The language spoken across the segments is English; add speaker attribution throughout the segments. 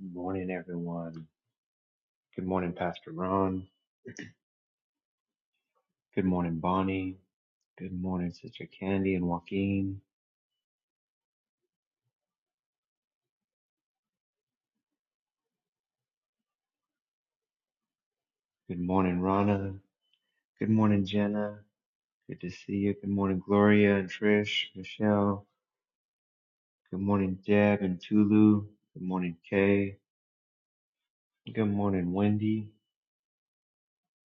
Speaker 1: Good morning, everyone. Good morning, Pastor Ron. Good morning, Bonnie. Good morning, Sister Candy and Joaquin. Good morning, Rana. Good morning, Jenna. Good to see you. Good morning, Gloria and Trish, Michelle. Good morning, Deb and Tulu. Good morning, Kay. Good morning, Wendy.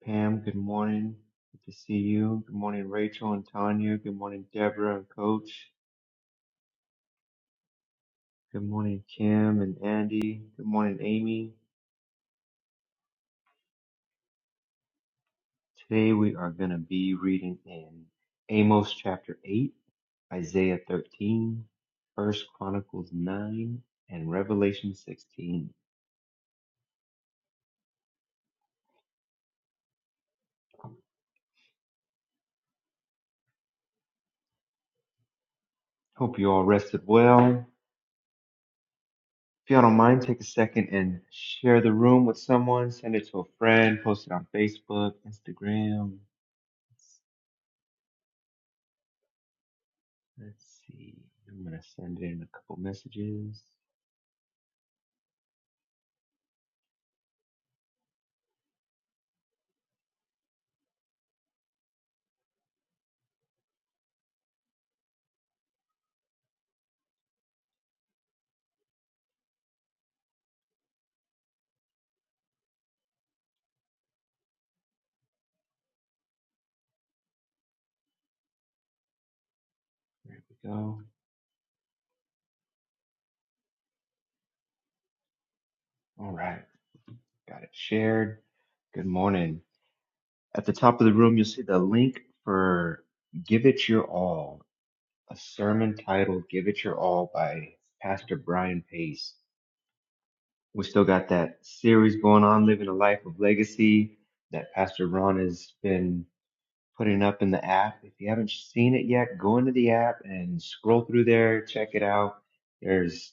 Speaker 1: Pam, good morning. Good to see you. Good morning, Rachel and Tanya. Good morning, Deborah and Coach. Good morning, Kim and Andy. Good morning, Amy. Today we are going to be reading in Amos chapter 8, Isaiah 13, First Chronicles 9, and Revelation 16. Hope you all rested well. If y'all don't mind, take a second and share the room with someone. Send it to a friend. Post it on Facebook, Instagram. Let's, let's see. I'm going to send in a couple messages. There we go. All right. Got it shared. Good morning. At the top of the room, you'll see the link for Give It Your All, a sermon titled Give It Your All by Pastor Brian Pace. We still got that series going on, Living a Life of Legacy, that Pastor Ron has been putting up in the app. If you haven't seen it yet, go into the app and scroll through there, check it out. There's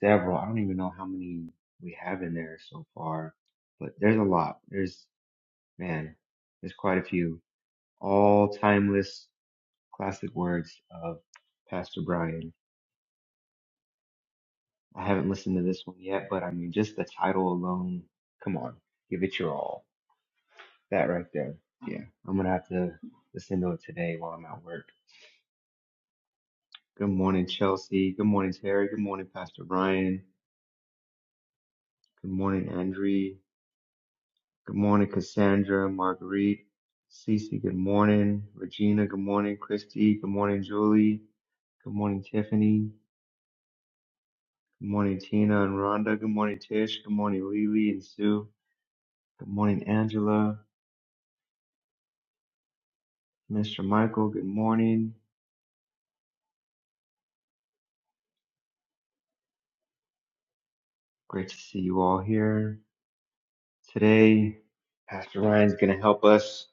Speaker 1: several, I don't even know how many we have in there so far, but there's a lot. There's, man, there's quite a few. All timeless classic words of Pastor Brian. I haven't listened to this one yet, but I mean, just the title alone, come on, give it your all. That right there. Yeah, I'm gonna have to listen to it today while I'm at work. Good morning, Chelsea. Good morning, Terry. Good morning, Pastor Brian. Good morning, Andre. Good morning, Cassandra, Marguerite, Cece. Good morning, Regina. Good morning, Christy. Good morning, Julie. Good morning, Tiffany. Good morning, Tina and Rhonda. Good morning, Tish. Good morning, Lily and Sue. Good morning, Angela. Mr. Michael, good morning. Great to see you all here. Today, Pastor Ryan's going to help us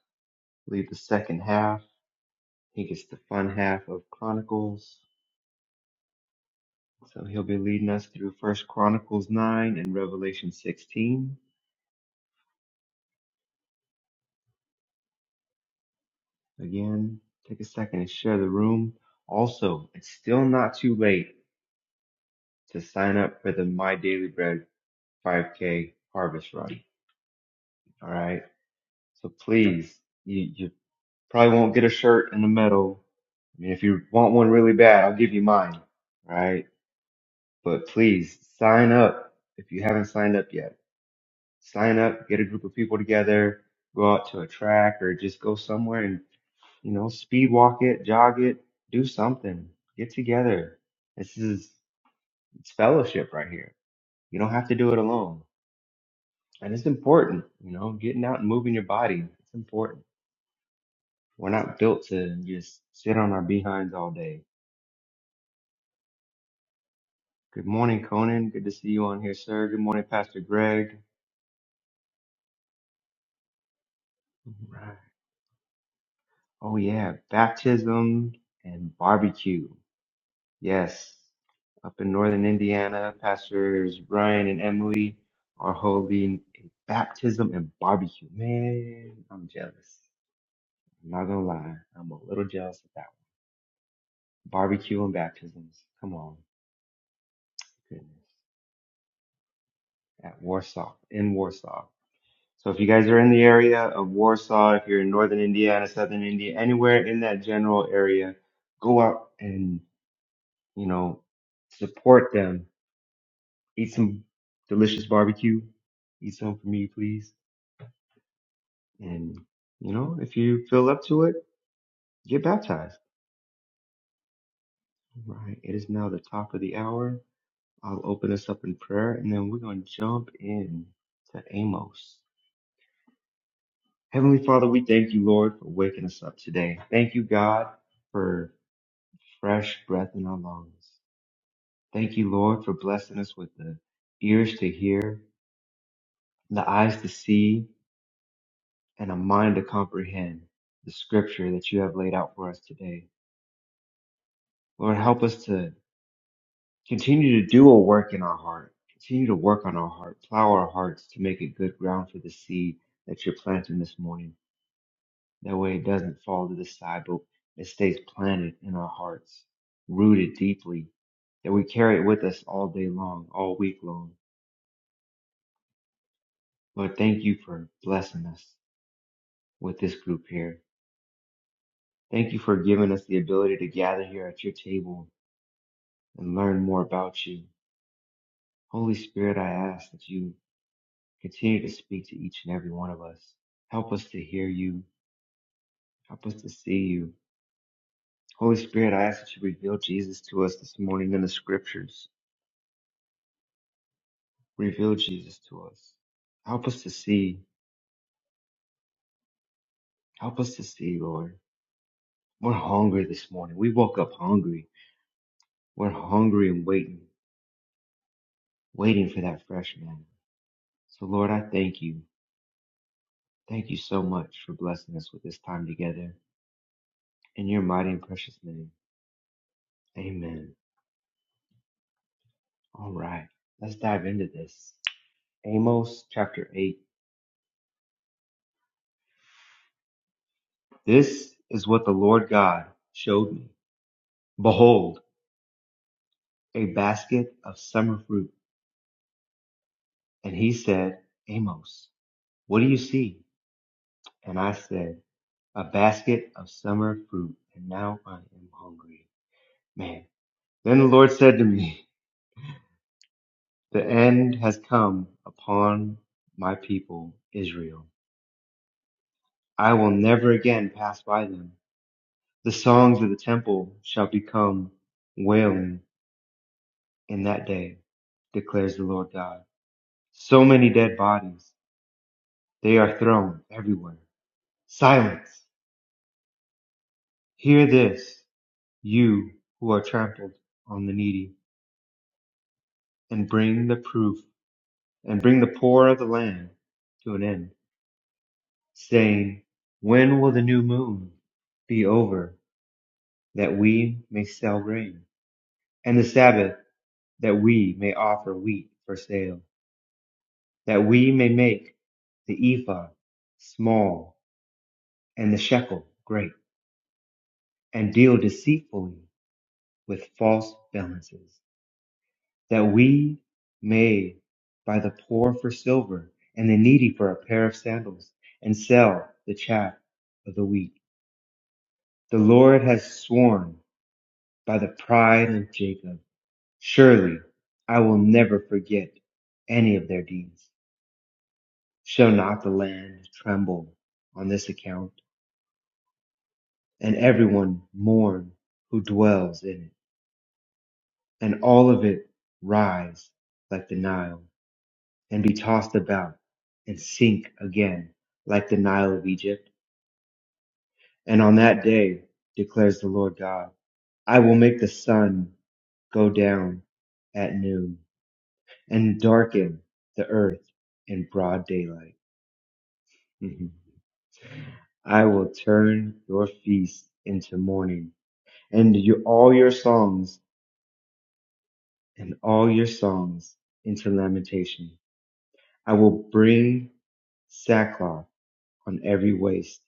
Speaker 1: lead the second half. He gets the fun half of Chronicles. So he'll be leading us through First Chronicles 9 and Revelation 16. Again, take a second and share the room. Also, it's still not too late to sign up for the My Daily Bread 5K harvest run. All right. So please, you, you probably won't get a shirt in the middle. I mean, if you want one really bad, I'll give you mine. All right. But please sign up if you haven't signed up yet. Sign up, get a group of people together, go out to a track or just go somewhere and, you know, speed walk it, jog it, do something, get together. This is, it's fellowship right here. You don't have to do it alone. And it's important, you know, getting out and moving your body. It's important. We're not built to just sit on our behinds all day. Good morning, Conan. Good to see you on here, sir. Good morning, Pastor Greg. All right. Oh, yeah. Baptism and barbecue. Yes. Up in northern Indiana, Pastors Brian and Emily are holding a baptism and barbecue. Man, I'm jealous. I'm not going to lie. I'm a little jealous of that one. Barbecue and baptisms. Come on. Goodness. At Warsaw, in Warsaw. So if you guys are in the area of Warsaw, if you're in northern Indiana, southern India, anywhere in that general area, go out and, you know, support them. Eat some delicious barbecue. Eat some for me, please. And, you know, if you feel up to it, get baptized. All Right. It is now the top of the hour. I'll open us up in prayer and then we're going to jump in to Amos. Heavenly Father, we thank you, Lord, for waking us up today. Thank you, God, for fresh breath in our lungs. Thank you, Lord, for blessing us with the ears to hear, the eyes to see, and a mind to comprehend the scripture that you have laid out for us today. Lord, help us to continue to do a work in our heart, continue to work on our heart, plow our hearts to make it good ground for the seed that you're planting this morning. That way it doesn't fall to the side, but it stays planted in our hearts, rooted deeply, that we carry it with us all day long, all week long. Lord, thank you for blessing us with this group here. Thank you for giving us the ability to gather here at your table and learn more about you. Holy Spirit, I ask that you continue to speak to each and every one of us. Help us to hear you. Help us to see you. Holy Spirit, I ask that you reveal Jesus to us this morning in the scriptures. Reveal Jesus to us. Help us to see. Help us to see, Lord. We're hungry this morning. We woke up hungry. We're hungry and waiting, waiting for that fresh man. So, Lord, I thank you. Thank you so much for blessing us with this time together. In your mighty and precious name, amen. All right, let's dive into this. Amos chapter 8. This is what the Lord God showed me. Behold, a basket of summer fruit. And he said, Amos. What do you see? And I said, A basket of summer fruit, and now I am hungry. Man. Then the Lord said to me, The end has come upon my people, Israel. I will never again pass by them. The songs of the temple shall become wailing in that day, declares the Lord God. So many dead bodies, they are thrown everywhere. Silence! Hear this, you who are trampled on the needy and bring the proof and bring the poor of the land to an end, saying, When will the new moon be over that we may sell grain, and the Sabbath that we may offer wheat for sale, that we may make the ephah small and the shekel great, and deal deceitfully with false balances? that we may buy the poor for silver and the needy for a pair of sandals and sell the chaff of the wheat. The Lord has sworn by the pride of Jacob, surely I will never forget any of their deeds. Shall not the land tremble on this account and everyone mourn who dwells in it and all of it rise like the Nile? and be tossed about and sink again like the Nile of Egypt. And on that day, declares the Lord God, I will make the sun go down at noon and darken the earth in broad daylight. Mhm. I will turn your feast into mourning and your, all your songs and all your songs into lamentation. I will bring sackcloth on every waist,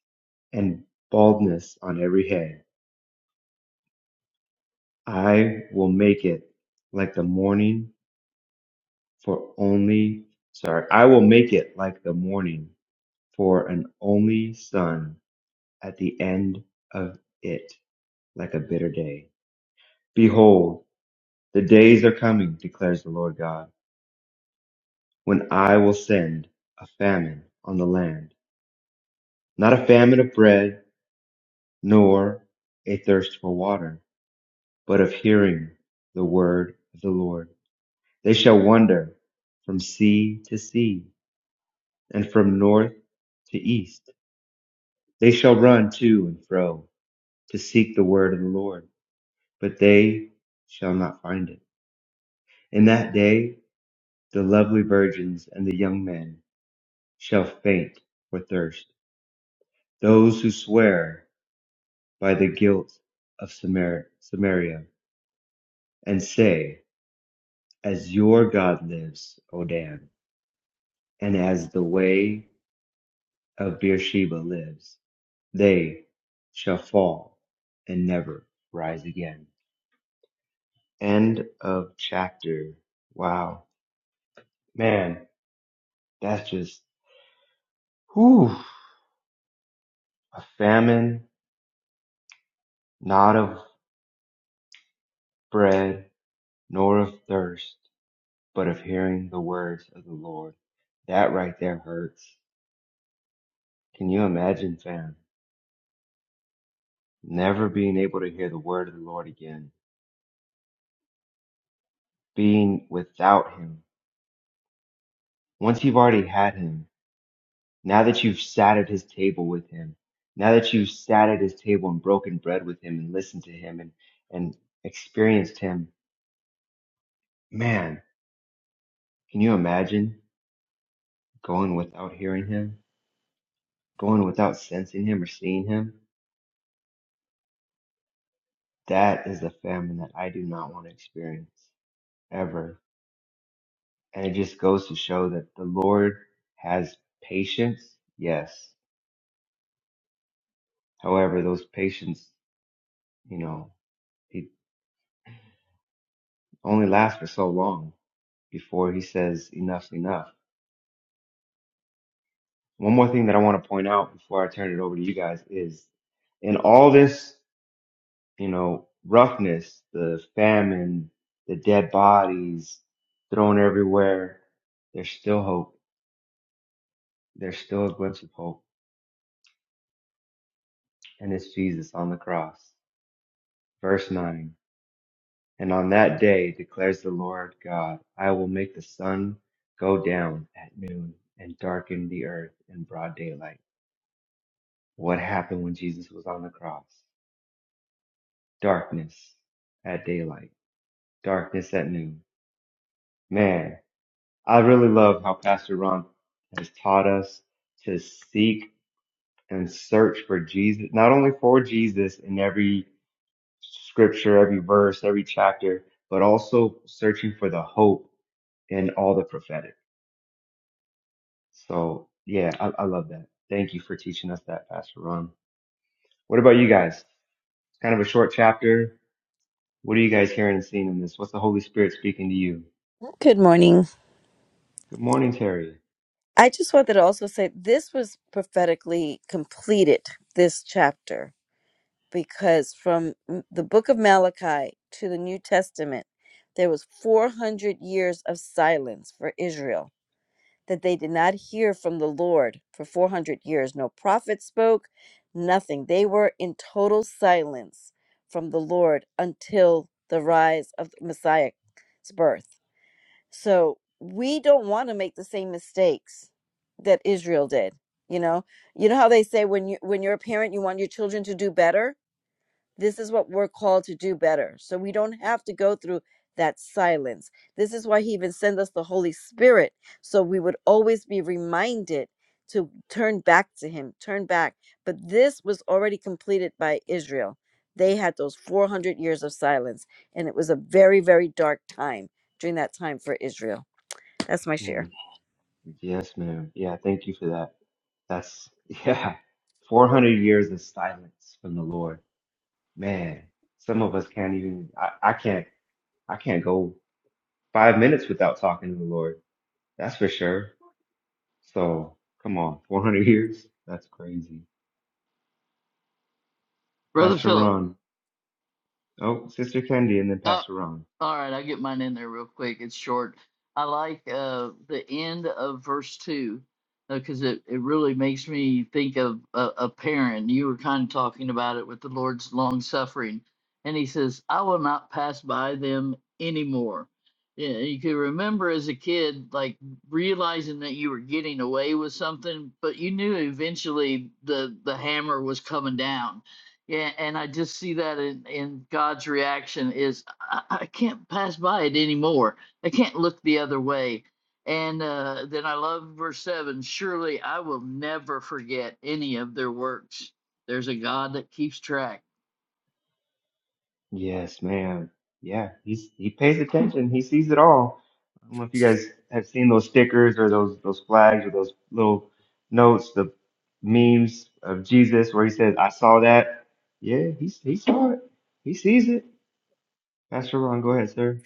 Speaker 1: and baldness on every head. I will make it like the morning for only, sorry, I will make it like the morning for an only sun at the end of it, like a bitter day. Behold, the days are coming, declares the Lord God, when I will send a famine on the land, not a famine of bread, nor a thirst for water but of hearing the word of the Lord. They shall wander from sea to sea and from north to east. They shall run to and fro to seek the word of the Lord, but they shall not find it. In that day, the lovely virgins and the young men shall faint for thirst. Those who swear by the guilt of Samar- Samaria and say, As your God lives, O Dan, and as the way of Beersheba lives, they shall fall and never rise again. End of chapter. Wow. Man, that's just, whew, a famine, not of bread, nor of thirst, but of hearing the words of the Lord. That right there hurts. Can you imagine, fam? Never being able to hear the word of the Lord again, being without him. Once you've already had him, Now that you've sat at his table with him, now that you've sat at his table and broken bread with him and listened to him and, and experienced him, man, can you imagine going without hearing him, going without sensing him or seeing him? That is the famine that I do not want to experience ever. And it just goes to show that the Lord has patience, yes. However, those patience, you know, it only lasts for so long before he says enough's enough One more thing that I want to point out before I turn it over to you guys is in all this, you know, roughness, the famine, the dead bodies thrown everywhere, there's still hope. There's still a glimpse of hope. And it's Jesus on the cross. Verse 9. And on that day declares the Lord God, I will make the sun go down at noon and darken the earth in broad daylight. What happened when Jesus was on the cross? Darkness at daylight darkness at noon. Man, I really love how Pastor Ron has taught us to seek and search for Jesus, not only for Jesus in every scripture, every verse, every chapter, but also searching for the hope in all the prophetic. So yeah, I, I love that. Thank you for teaching us that, Pastor Ron. What about you guys? It's kind of a short chapter. What are you guys hearing and seeing in this? What's the Holy Spirit speaking to you?
Speaker 2: Good morning.
Speaker 1: Good morning, Terry.
Speaker 2: I just wanted to also say this was prophetically completed, this chapter, because from m- the book of Malachi to the New Testament, there was 400 years of silence for Israel that they did not hear from the Lord for 400 years. No prophet spoke, nothing. They were in total silence from the Lord until the rise of the Messiah's birth So we don't want to make the same mistakes that Israel did. You know, you know how they say when you when you're a parent, you want your children to do better. This is what we're called to do better. So we don't have to go through that silence. This is why he even sent us the Holy Spirit. So we would always be reminded to turn back to him, turn back. But this was already completed by Israel. They had those 400 years of silence, and it was a very, very dark time during that time for Israel. That's my
Speaker 1: Mm.
Speaker 2: share.
Speaker 1: Yes, ma'am. Yeah, thank you for that. That's, yeah, 400 years of silence from the Lord. Man, some of us can't even, I, I can't, I can't go five minutes without talking to the Lord. That's for sure. So come on, 400 years? That's crazy.
Speaker 3: Brother
Speaker 1: Pastor
Speaker 3: Philip.
Speaker 1: Ron. Oh, Sister Candy and then
Speaker 3: Uh,
Speaker 1: Pastor Ron.
Speaker 3: all right, I'll get mine in there real quick. It's short. I like uh, the end of verse 2 because it, it really makes me think of a, a parent. You were kind of talking about it with the Lord's long suffering. And he says, I will not pass by them anymore. Yeah, you could remember as a kid, like realizing that you were getting away with something, but you knew eventually the, the hammer was coming down Yeah, and I just see that in, in God's reaction is I, I can't pass by it anymore. I can't look the other way. And uh, then I love verse seven. Surely I will never forget any of their works. There's a God that keeps track.
Speaker 1: Yes, man. Yeah, he's he pays attention. He sees it all. I don't know if you guys have seen those stickers or those those flags or those little notes, the memes of Jesus where he says, "I saw that." Yeah, he he saw it. He sees it. Pastor Ron, go ahead, sir.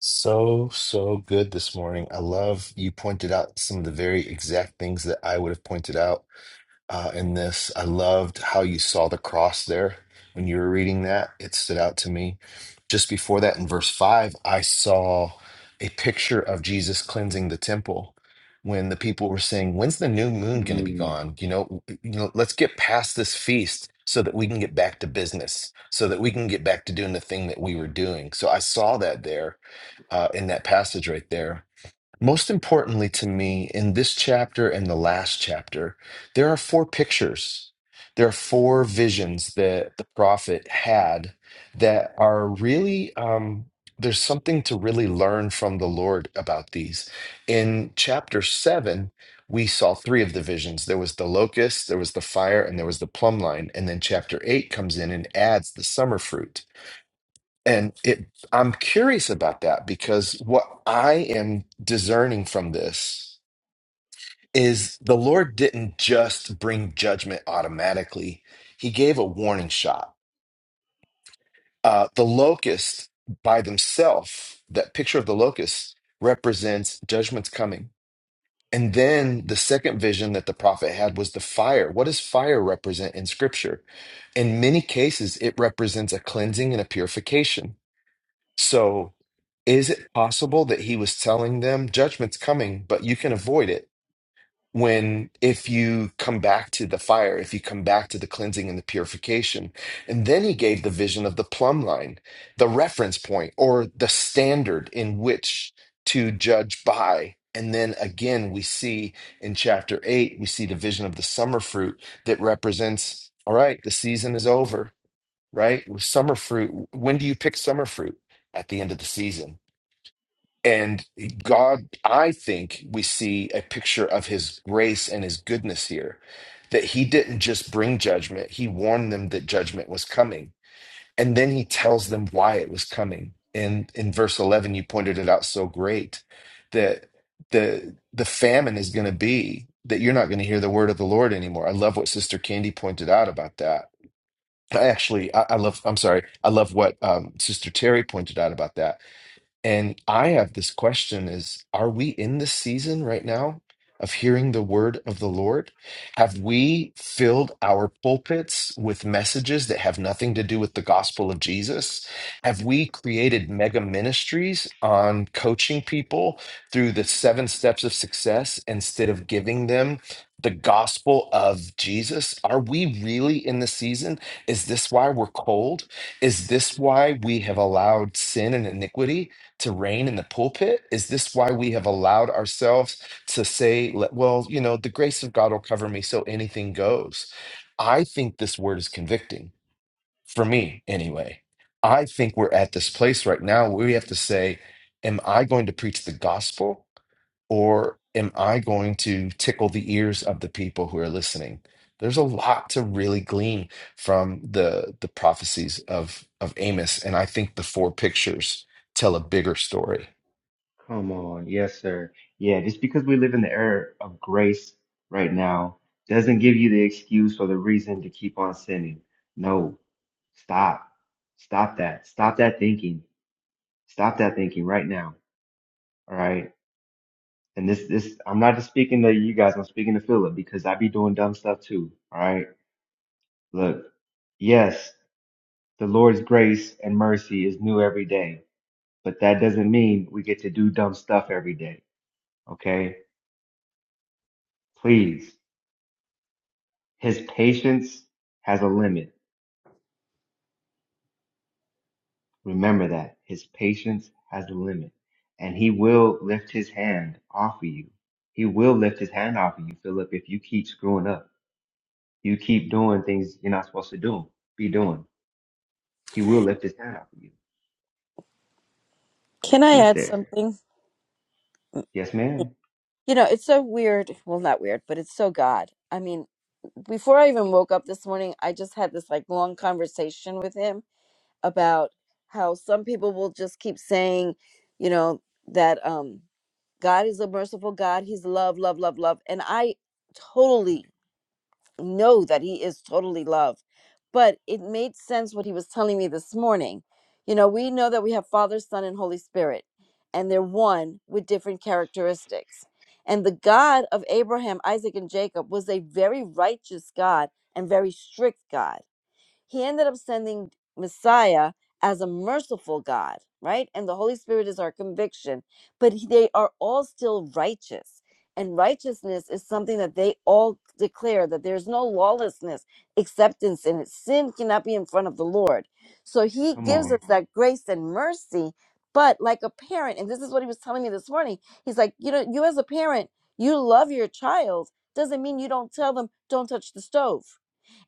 Speaker 4: So, so good this morning. I love you pointed out some of the very exact things that I would have pointed out uh, in this. I loved how you saw the cross there when you were reading that. It stood out to me. Just before that, in verse 5, I saw a picture of Jesus cleansing the temple when the people were saying, When's the new moon going to be
Speaker 1: Mm,
Speaker 4: gone? You know, you know, let's get past this feast so that we can get back to business, so that we can get back to doing the thing that we were doing. So I saw that there uh, in that passage right there most importantly to me, in this chapter and the last chapter, there are four pictures. There are four visions that the prophet had that are really, um, there's something to really learn from the Lord about these. In chapter seven, we saw three of the visions there was the locust, there was the fire, and there was the plumb line. And then chapter eight comes in and adds the summer fruit. And it, I'm curious about that because what I am discerning from this is the Lord didn't just bring judgment automatically, He gave a warning shot. Uh, the locust by themselves, that picture of the locust represents judgment's coming. And then the second vision that the prophet had was the fire. What does fire represent in scripture? In many cases, it represents a cleansing and a purification So, is it possible that he was telling them judgment's coming, but you can avoid it when if you come back to the fire, if you come back to the cleansing and the purification? And then he gave the vision of the plumb line, the reference point, or the standard in which to judge by. And then again, we see in chapter eight, we see the vision of the summer fruit that represents, all right, the season is over right? With summer fruit, when do you pick summer fruit? At the end of the season. And God, I think we see a picture of his grace and his goodness here that he didn't just bring judgment, he warned them that judgment was coming. And then he tells them why it was coming. And in verse 11, you pointed it out so great that the the famine is going to be that you're not going to hear the word of the Lord anymore. I love what Sister Candy pointed out about that I actually, I, I love, I'm sorry, I love what um, Sister Terry pointed out about that. And I have this question is, are we in this season right now of hearing the word of the Lord? Have we filled our pulpits with messages that have nothing to do with the gospel of Jesus? Have we created mega ministries on coaching people through the seven steps of success instead of giving them the gospel of Jesus? Are we really in the season? Is this why we're cold? Is this why we have allowed sin and iniquity? to reign in the pulpit? Is this why we have allowed ourselves to say, le- well, you know, the grace of God will cover me, so anything goes? I think this word is convicting for me, anyway. I think we're at this place right now where we have to say, am I going to preach the gospel or am I going to tickle the ears of the people who are listening? There's a lot to really glean from the the prophecies of of Amos, and I think the four pictures tell a bigger story.
Speaker 1: come on, yes, sir. Yeah, just because we live in the era of grace right now doesn't give you the excuse or the reason to keep on sinning. No, stop. Stop that. Stop that thinking Stop that thinking right now. All right. And this, this, I'm not just speaking to you guys. I'm speaking to Philip because I be doing dumb stuff too. All right. Look, yes, the Lord's grace and mercy is new every day, but that doesn't mean we get to do dumb stuff every day. Okay. Please. His patience has a limit. Remember that his patience has a limit and he will lift his hand off of you. He will lift his hand off of you, Philip, if you keep screwing up. You keep doing things you're not supposed to do, be doing. He will lift his hand out for you.
Speaker 2: Can I
Speaker 1: Who's
Speaker 2: add
Speaker 1: there?
Speaker 2: something?
Speaker 1: Yes, ma'am.
Speaker 2: You know, it's so weird. Well, not weird, but it's so God. I mean, before I even woke up this morning, I just had this like long conversation with him about how some people will just keep saying, you know, that um God is a merciful God. He's love, love, love, love. And I totally know that he is totally love. But it made sense what he was telling me this morning. You know, we know that we have Father, Son, and Holy Spirit, and they're one with different characteristics. And the God of Abraham, Isaac, and Jacob was a very righteous God and very strict God he ended up sending Messiah as a merciful God, right? And the Holy Spirit is our conviction, but he- they are all still righteous. And righteousness is something that they all declare that there's no lawlessness, acceptance in it. Sin cannot be in front of the Lord. So he
Speaker 1: Come
Speaker 2: gives
Speaker 1: on.
Speaker 2: us that grace and mercy. But like a parent, and this is what he was telling me this morning, he's like, you know, you as a parent, you love your child, doesn't mean you don't tell them, don't touch the stove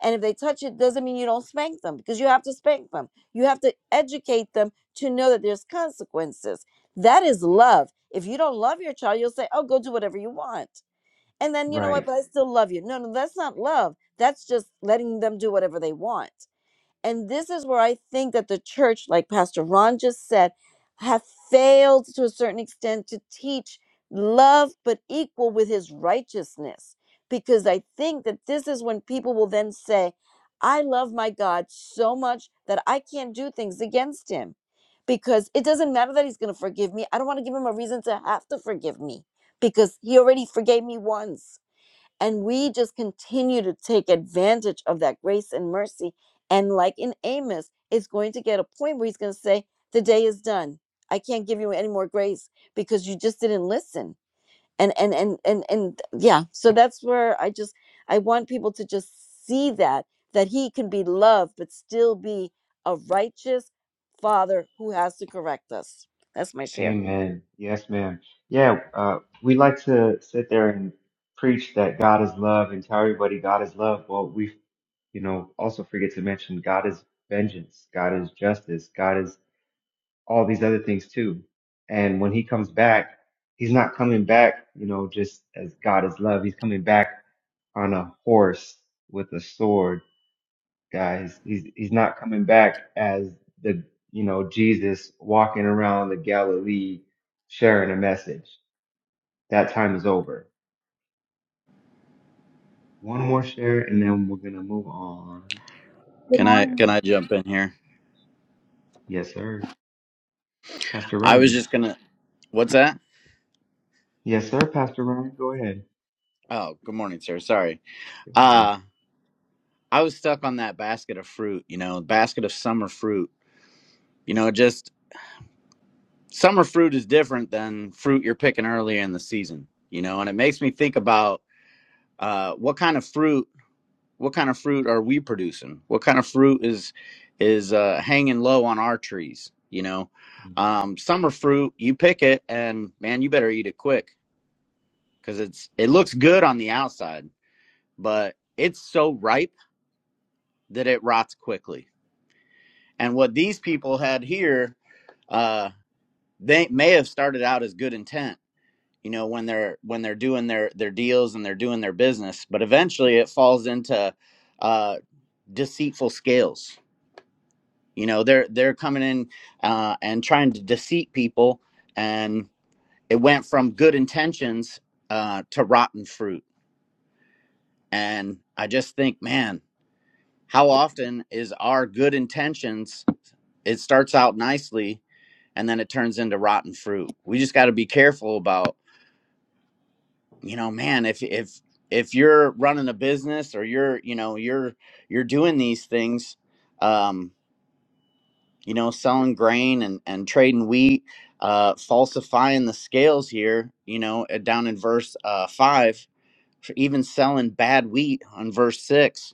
Speaker 2: and if they touch it, doesn't mean you don't spank them because you have to spank them. You have to educate them to know that there's consequences. That is love. If you don't love your child, you'll say, oh, go do whatever you want. And then, you know what,
Speaker 1: Right.
Speaker 2: but I still love you. No, no, that's not love. That's just letting them do whatever they want. And this is where I think that the church, like Pastor Ron just said, have failed to a certain extent to teach love but equal with his righteousness. Because I think that this is when people will then say, I love my God so much that I can't do things against him. Because it doesn't matter that he's going to forgive me. I don't want to give him a reason to have to forgive me because he already forgave me once. And we just continue to take advantage of that grace and mercy. And like in Amos, it's going to get a point where he's going to say, The day is done. I can't give you any more grace because you just didn't listen. And and and and and yeah, so that's where I just I want people to just see that that he can be loved but still be a righteous father who has to correct us. That's my share.
Speaker 1: Amen. Yes, ma'am. Yeah, uh, we like to sit there and preach that God is love and tell everybody God is love. Well, we, you know, also forget to mention God is vengeance, God is justice, God is all these other things too. And when he comes back, he's not coming back, you know, just as God is love. He's coming back on a horse with a sword, guys. He's he's not coming back as the you know Jesus walking around the Galilee sharing a message. That time is over. One more share, and then we're gonna move on.
Speaker 5: Good
Speaker 6: Can
Speaker 1: Who's
Speaker 6: I
Speaker 1: there?
Speaker 5: morning.
Speaker 6: can I jump in here?
Speaker 1: Yes, sir. Pastor
Speaker 6: I was
Speaker 1: Ryan.
Speaker 6: just gonna. What's that?
Speaker 1: Yes, sir. Pastor Ryan, go ahead.
Speaker 6: Oh, good morning, sir. Sorry.
Speaker 1: Good morning.
Speaker 6: Uh I was stuck on that basket of fruit. You know, basket of summer fruit. You know, just summer fruit is different than fruit you're picking earlier in the season. You know, and it makes me think about uh, what kind of fruit. What kind of fruit are we producing? What kind of fruit is is uh, hanging low on our trees? You know,
Speaker 1: Mhm.
Speaker 6: um, summer fruit. You pick it, and man, you better eat it quick because it's it looks good on the outside but it's so ripe that it rots quickly. And what these people had here, uh, they may have started out as good intent, you know, when they're when they're doing their their deals and they're doing their business, but eventually it falls into uh, deceitful scales. You know, they're they're coming in uh, and trying to deceive people, and it went from good intentions uh, to rotten fruit. And I just think, man, how often is our good intentions? it starts out nicely and then it turns into rotten fruit. We just got to be careful about, you know, man, if if if you're running a business or you're, you know, you're you're doing these things, um, you know, selling grain and and trading wheat, uh, falsifying the scales here, you know, uh, down in verse uh, five, for even selling bad wheat on verse six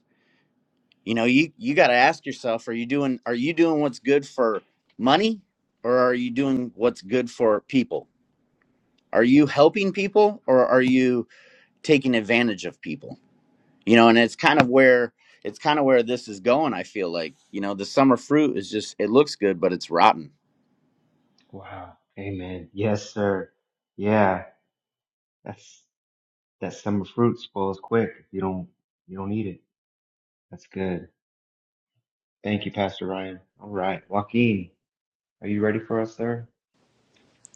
Speaker 6: you know you you got to ask yourself are you doing are you doing what's good for money or are you doing what's good for people are you helping people or are you taking advantage of people you know and it's kind of where it's kind of where this is going i feel like you know the summer fruit is just it looks good but it's rotten
Speaker 1: Wow. Amen. Yes, sir. Yeah. That's that summer fruit spoils quick if you don't you don't eat it. That's good. Thank you, Pastor Ryan. All right. Joaquin, are you ready for us, sir?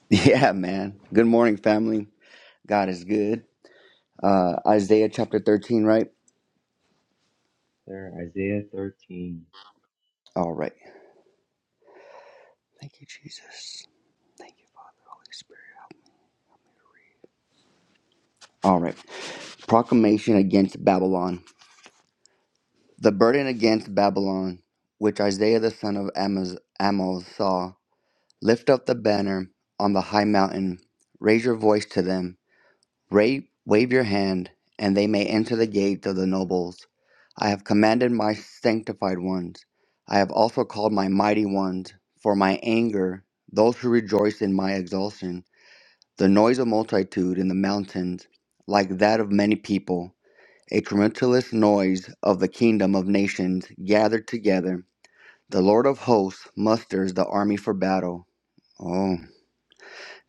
Speaker 7: Yeah, man. Good morning, family. God is good. Uh, Isaiah chapter 13, right?
Speaker 1: Sir, Isaiah 13.
Speaker 7: All right. Thank you, Jesus. Thank you, Father, Holy Spirit. All right. Proclamation against Babylon. The burden against Babylon, which Isaiah the son of Amos, Amos saw. Lift up the banner on the high mountain. Raise your voice to them. Ra- wave your hand, and they may enter the gate of the nobles. I have commanded my sanctified ones. I have also called my mighty ones, for my anger, those who rejoice in my exaltation. The noise of multitude in the mountains, like that of many people, a tumultuous noise of the kingdom of nations gathered together. The Lord of hosts musters the army for battle. Oh,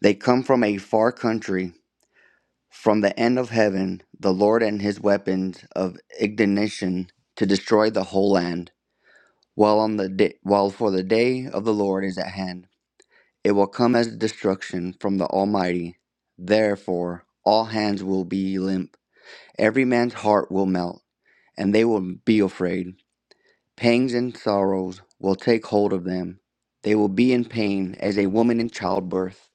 Speaker 7: they come from a far country. From the end of heaven, the Lord and his weapons of indignation to destroy the whole land. While on the day, while for the day of the Lord is at hand, it will come as destruction from the Almighty. Therefore, all hands will be limp, every man's heart will melt, and they will be afraid. Pangs and sorrows will take hold of them. They will be in pain as a woman in childbirth.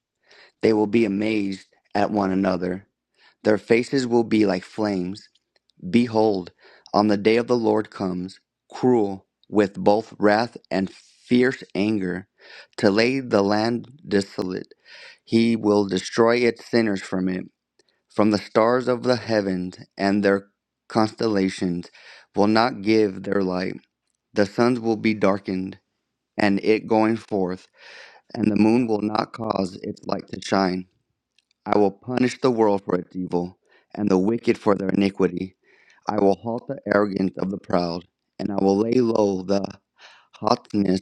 Speaker 7: They will be amazed at one another. Their faces will be like flames Behold, on the day of the Lord comes, cruel, with both wrath and fierce anger, to lay the land desolate. He will destroy its sinners from it, from the stars of the heavens, and their constellations will not give their light. The suns will be darkened, and it going forth, and the moon will not cause its light to shine. I will punish the world for its evil, and the wicked for their iniquity. I will halt the arrogance of the proud, and I will lay low the haughtiness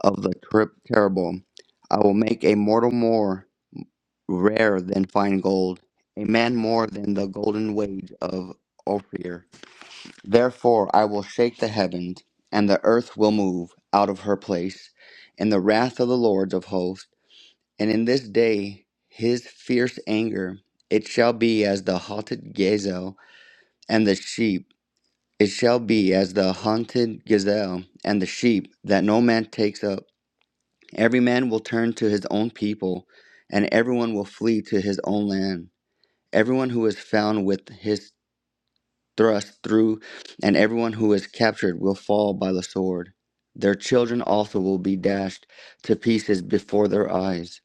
Speaker 7: of the ter- terrible. I will make a mortal more rare than fine gold, a man more than the golden wage of Ophir. Therefore I will shake the heavens, and the earth will move out of her place, in the wrath of the lords of hosts, and in this day his fierce anger. It shall be as the halted gazelle and the sheep it shall be as the hunted gazelle and the sheep that no man takes up. Every man will turn to his own people, and everyone will flee to his own land. Everyone who is found with his thrust through, and everyone who is captured will fall by the sword. Their children also will be dashed to pieces before their eyes.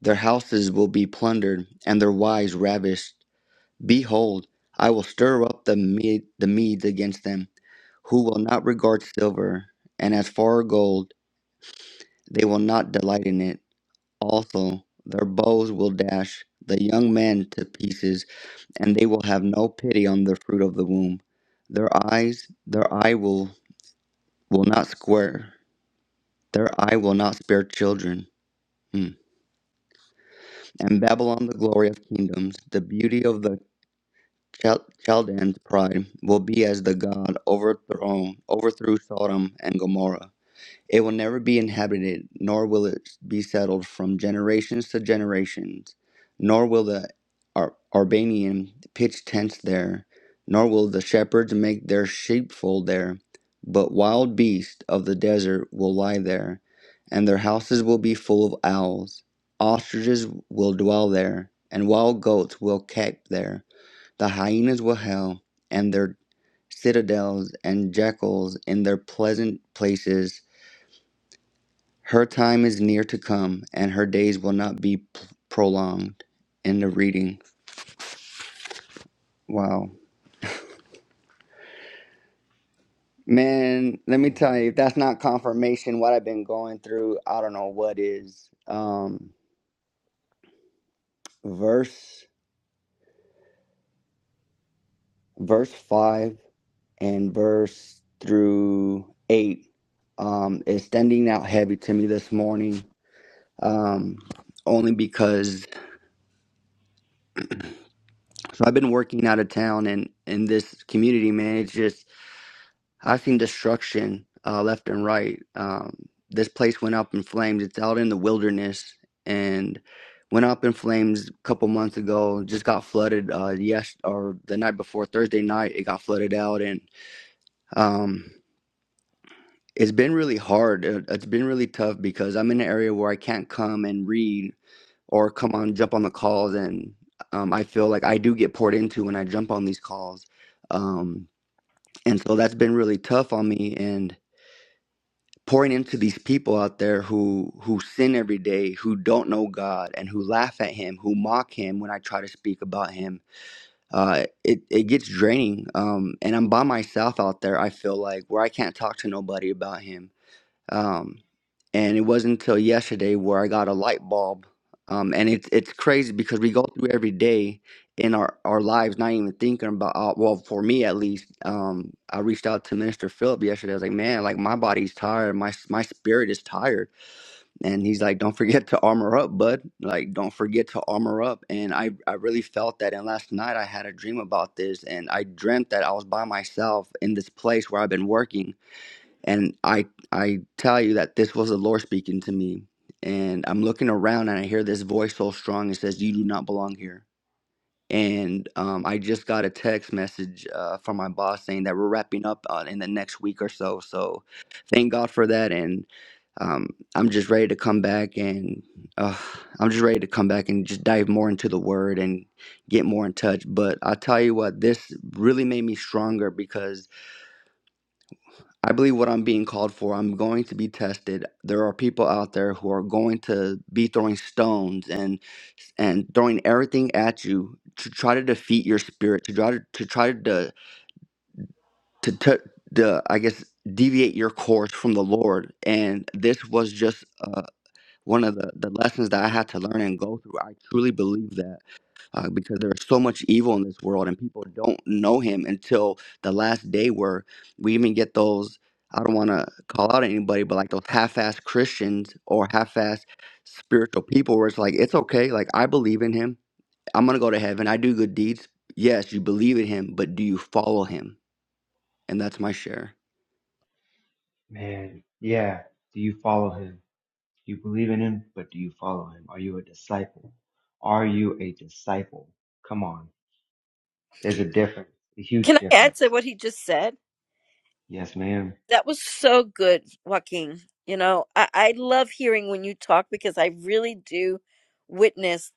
Speaker 7: Their houses will be plundered, and their wives ravished. Behold, I will stir up the, Med- the Medes against them, who will not regard silver, and as for gold, they will not delight in it. Also, their bows will dash the young men to pieces, and they will have no pity on the fruit of the womb. Their eyes, their eye will, will not square, their eye will not spare children. Hmm. And Babylon, the glory of kingdoms, the beauty of the Chal- Chaldean's pride will be as the God overthrown, overthrew Sodom and Gomorrah. It will never be inhabited, nor will it be settled from generations to generations, nor will the Ar- Arbanian pitch tents there, nor will the shepherds make their sheepfold there, but wild beasts of the desert will lie there, and their houses will be full of owls. Ostriches will dwell there, and wild goats will cape there the hyenas will howl, and their citadels and jackals in their pleasant places. Her time is near to come, and her days will not be p- prolonged. End of reading. Wow. Man, let me tell
Speaker 1: Amen.
Speaker 7: you, if that's not confirmation what I've been going through, I don't know what is. Um verse verse five and verse through eight um is standing out heavy to me this morning. Um only because So I've been working out of town and in this community, man, it's just I've seen destruction uh, left and right. Um, this place went up in flames. It's out in the wilderness and went up in flames a couple months ago. Just got flooded. Uh, yes, or the night before Thursday night, it got flooded out, and um, it's been really hard. It- It's been really tough because I'm in an area where I can't come and read or come on jump on the calls and um, i feel like i do get poured into when i jump on these calls um, and so that's been really tough on me and pouring into these people out there who who sin every day who don't know god and who laugh at him who mock him when i try to speak about him uh, it, it gets draining um, and i'm by myself out there i feel like where i can't talk to nobody about him um, and it wasn't until yesterday where I got a light bulb. Um, and it's it's crazy because we go through every day in our, our lives, not even thinking about. Uh, well, for me at least, um, I reached out to Minister Philip yesterday. I was like, man, like my body's tired, my s- my spirit is tired, and he's like, don't forget to armor up, bud. Like, don't forget to armor up. And I I really felt that. And last night I had a dream about this, and I dreamt that I was by myself in this place where I've been working and I I tell you that this was the Lord speaking to me. And I'm looking around and I hear this voice so strong. It says, "You do not belong here." And um, I just got a text message uh, from my boss saying that we're wrapping up uh, in the next week or so. So thank God for that. And um, I'm just ready to come back and uh, I'm just ready to come back and just dive more into the word and get more in touch. But I tell you what, this really made me stronger because I believe what I'm being called for. I'm going to be tested. There are people out there who are going to be throwing stones and and throwing everything at you to try to defeat your spirit, to try to to try to to, to, to I guess deviate your course from the Lord. And this was just uh, one of the the lessons that I had to learn and go through. I truly believe that uh, because there is so much evil in this world and people don't know him until the last day where we even get those i don't want to call out anybody but like those half-assed christians or half-assed spiritual people where it's like it's okay like i believe in him i'm gonna go to heaven i do good deeds yes you believe in him but do you follow him and that's my share
Speaker 1: Man, yeah. Do you follow him? Do you believe in him? But do you follow him? Are you a disciple? Are you a disciple? Come on. There's a difference, a
Speaker 2: Can
Speaker 1: huge
Speaker 2: I add to
Speaker 1: difference.
Speaker 2: what he just said?
Speaker 1: Yes, ma'am.
Speaker 2: That was so good, Joaquin. You know, I, I love hearing when you talk because I really do witness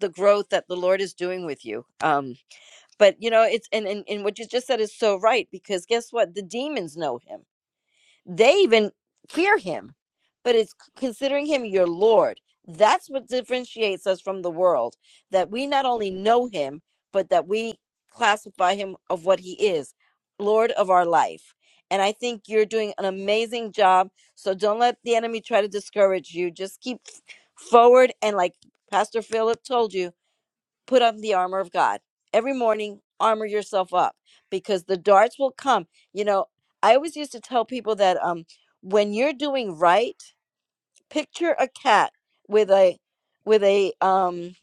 Speaker 2: the growth that the Lord is doing with you. Um, but you know, it's and, and and what you just said is so right because guess what? The demons know him. They even fear him, but it's considering him your Lord. That's what differentiates us from the world that we not only know him, but that we classify him of what he is Lord of our life. And I think you're doing an amazing job. So don't let the enemy try to discourage you. Just keep f- forward and, like Pastor Philip told you, put on the armor of God. Every morning, armor yourself up because the darts will come. You know, I always used to tell people that um when you're doing right, picture a cat with a with a um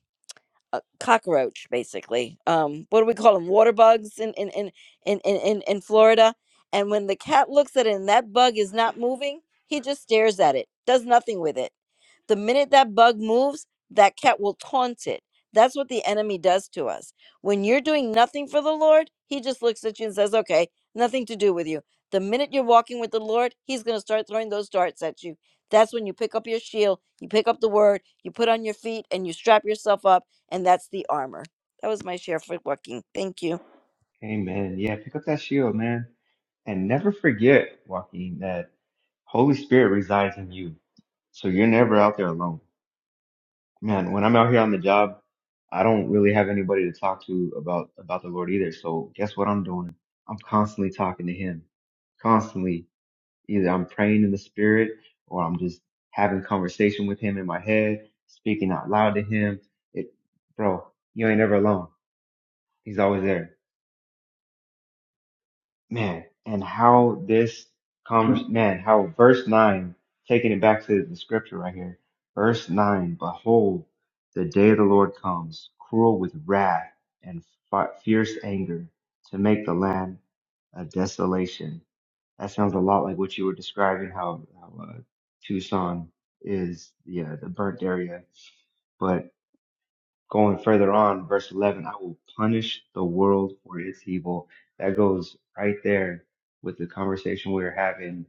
Speaker 2: a cockroach basically. Um what do we call them? Water bugs in in in in in, in in Florida. And when the cat looks at it and that bug is not moving, he just stares at it, does nothing with it the minute that bug moves, that cat will taunt it. That's what the enemy does to us. When you're doing nothing for the Lord, he just looks at you and says, okay, nothing to do with you. The minute you're walking with the Lord, he's going to start throwing those darts at you. That's when you pick up your shield, you pick up the word, you put on your feet, and you strap yourself up, and that's the armor. That was my share for walking. Thank you.
Speaker 1: Amen. Yeah, pick up that shield, man. And never forget, Joaquin, that Holy Spirit resides in you. So you're never out there alone. Man, when I'm out here on the job, I don't really have anybody to talk to about about the Lord either. So guess what I'm doing? I'm constantly talking to Him, constantly. Either I'm praying in the Spirit, or I'm just having conversation with Him in my head, speaking out loud to Him. It, bro, you ain't never alone. He's always there. man, and how this convers man, how verse nine, taking it back to the scripture right here, verse nine, behold, the day of the Lord comes, cruel with wrath and fi- fierce anger, to make the land a desolation. That sounds a lot like what you were describing, how, how uh, Tucson is, yeah, the burnt area going further on, verse 11, I will punish the world for its evil. That goes right there with the conversation we were having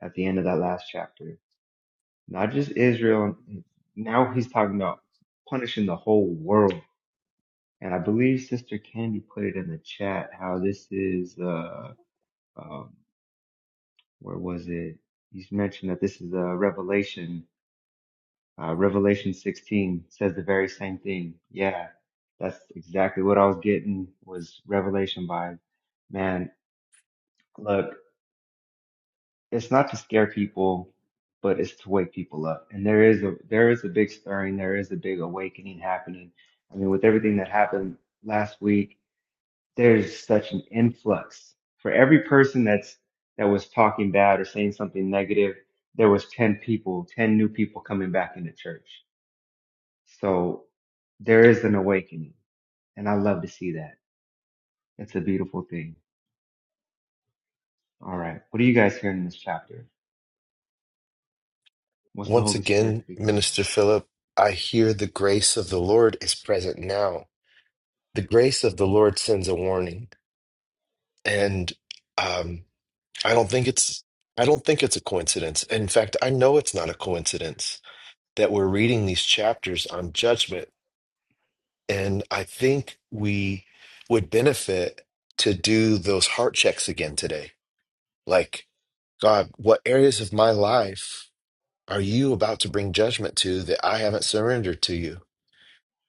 Speaker 1: at the end of that last chapter. Not just Israel. Now he's talking about punishing the whole world. And I believe Sister Candy put it in the chat how this is, uh, um, where was it? He's mentioned that this is a revelation Uh, Revelation 16 says the very same thing. Yeah, that's exactly what I was getting was revelation vibes. Man, look, it's not to scare people, but it's to wake people up. And there is a there is a big stirring, there is a big awakening happening. I mean, with everything that happened last week, there's such an influx. For every person that's that was talking bad or saying something negative, there was 10 people, 10 new people coming back into church So there is an awakening, and I love to see that. It's a beautiful thing. All right. What are you guys hearing in this chapter? What's the
Speaker 4: Once
Speaker 1: Holy Spirit
Speaker 4: again,
Speaker 1: speaking to you?
Speaker 4: Minister Philip, I hear the grace of the Lord is present now. The grace of the Lord sends a warning, and um, I don't think it's I don't think it's a coincidence. In fact, I know it's not a coincidence that we're reading these chapters on judgment, and I think we would benefit to do those heart checks again today. Like, God, what areas of my life are you about to bring judgment to that I haven't surrendered to you?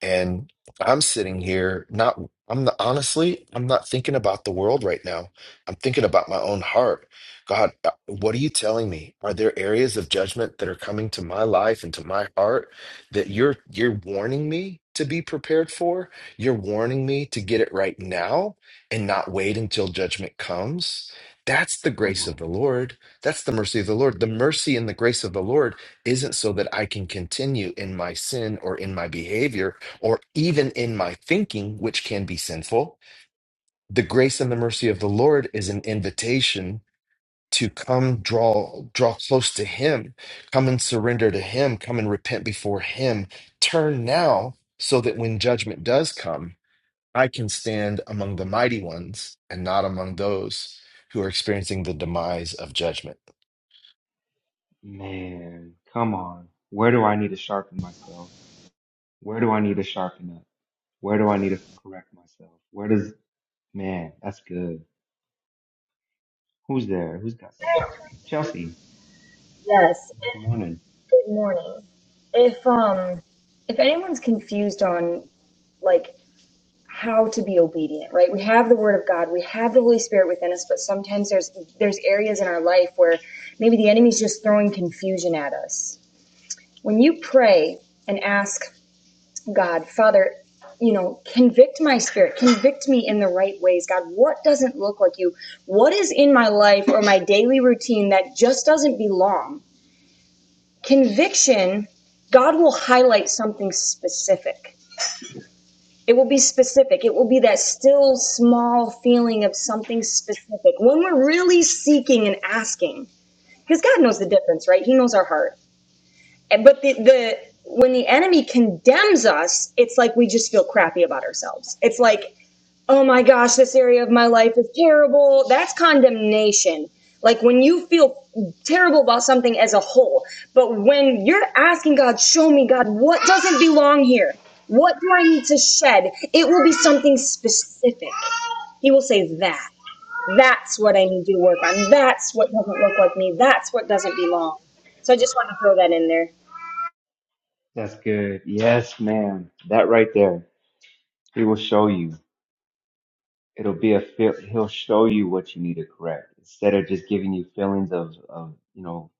Speaker 4: And I'm sitting here not I'm not, honestly, I'm not thinking about the world right now. I'm thinking about my own heart. God, uh, what are you telling me? Are there areas of judgment that are coming to my life and to my heart that you're you're warning me to be prepared for? You're warning me to get it right now and not wait until judgment comes? That's the
Speaker 1: Come
Speaker 4: grace of the
Speaker 1: on,
Speaker 4: Lord. That's the mercy of the Lord. The mercy and the grace of the Lord isn't so that I can continue in my sin or in my behavior or even in my thinking, which can be sinful, the grace and the mercy of the Lord is an invitation to come draw draw close to him come and surrender to him come and repent before him turn now so that when judgment does come I can stand among the mighty ones and not among those who are experiencing the demise of judgment.
Speaker 1: man. Come on. Where do I need to sharpen myself? Where do I need to sharpen up? Where do I need to correct myself? Where does, man, that's good. Who's there? Who's got some? Chelsea,
Speaker 8: Yes.
Speaker 1: good
Speaker 8: and
Speaker 1: morning.
Speaker 8: Good morning. If um if anyone's confused on like how to be obedient, right? We have the word of God, we have the Holy Spirit within us, but sometimes there's there's areas in our life where maybe the enemy's just throwing confusion at us. When you pray and ask God, Father, you know, convict my spirit, convict me in the right ways. God, what doesn't look like you? What is in my life or my daily routine that just doesn't belong? Conviction, God will highlight something specific. It will be specific. It will be that still small feeling of something specific when we're really seeking and asking. Because God knows the difference, right? He knows our heart. But the, the when the enemy condemns us, it's like we just feel crappy about ourselves. It's like oh my gosh, this area of my life is terrible. That's condemnation. Like when you feel terrible about something as a whole. But when you're asking God, show me, God, what doesn't belong here? What do I need to shed? It will be something specific. He will say that. That's what I need you to work on. That's what doesn't look like me. That's what doesn't belong. So I just want to throw that in there.
Speaker 1: That's good. Yes, man. That right there. He will show you. it'll be a feel, he'll show you what you need to correct instead of just giving you feelings of, of you know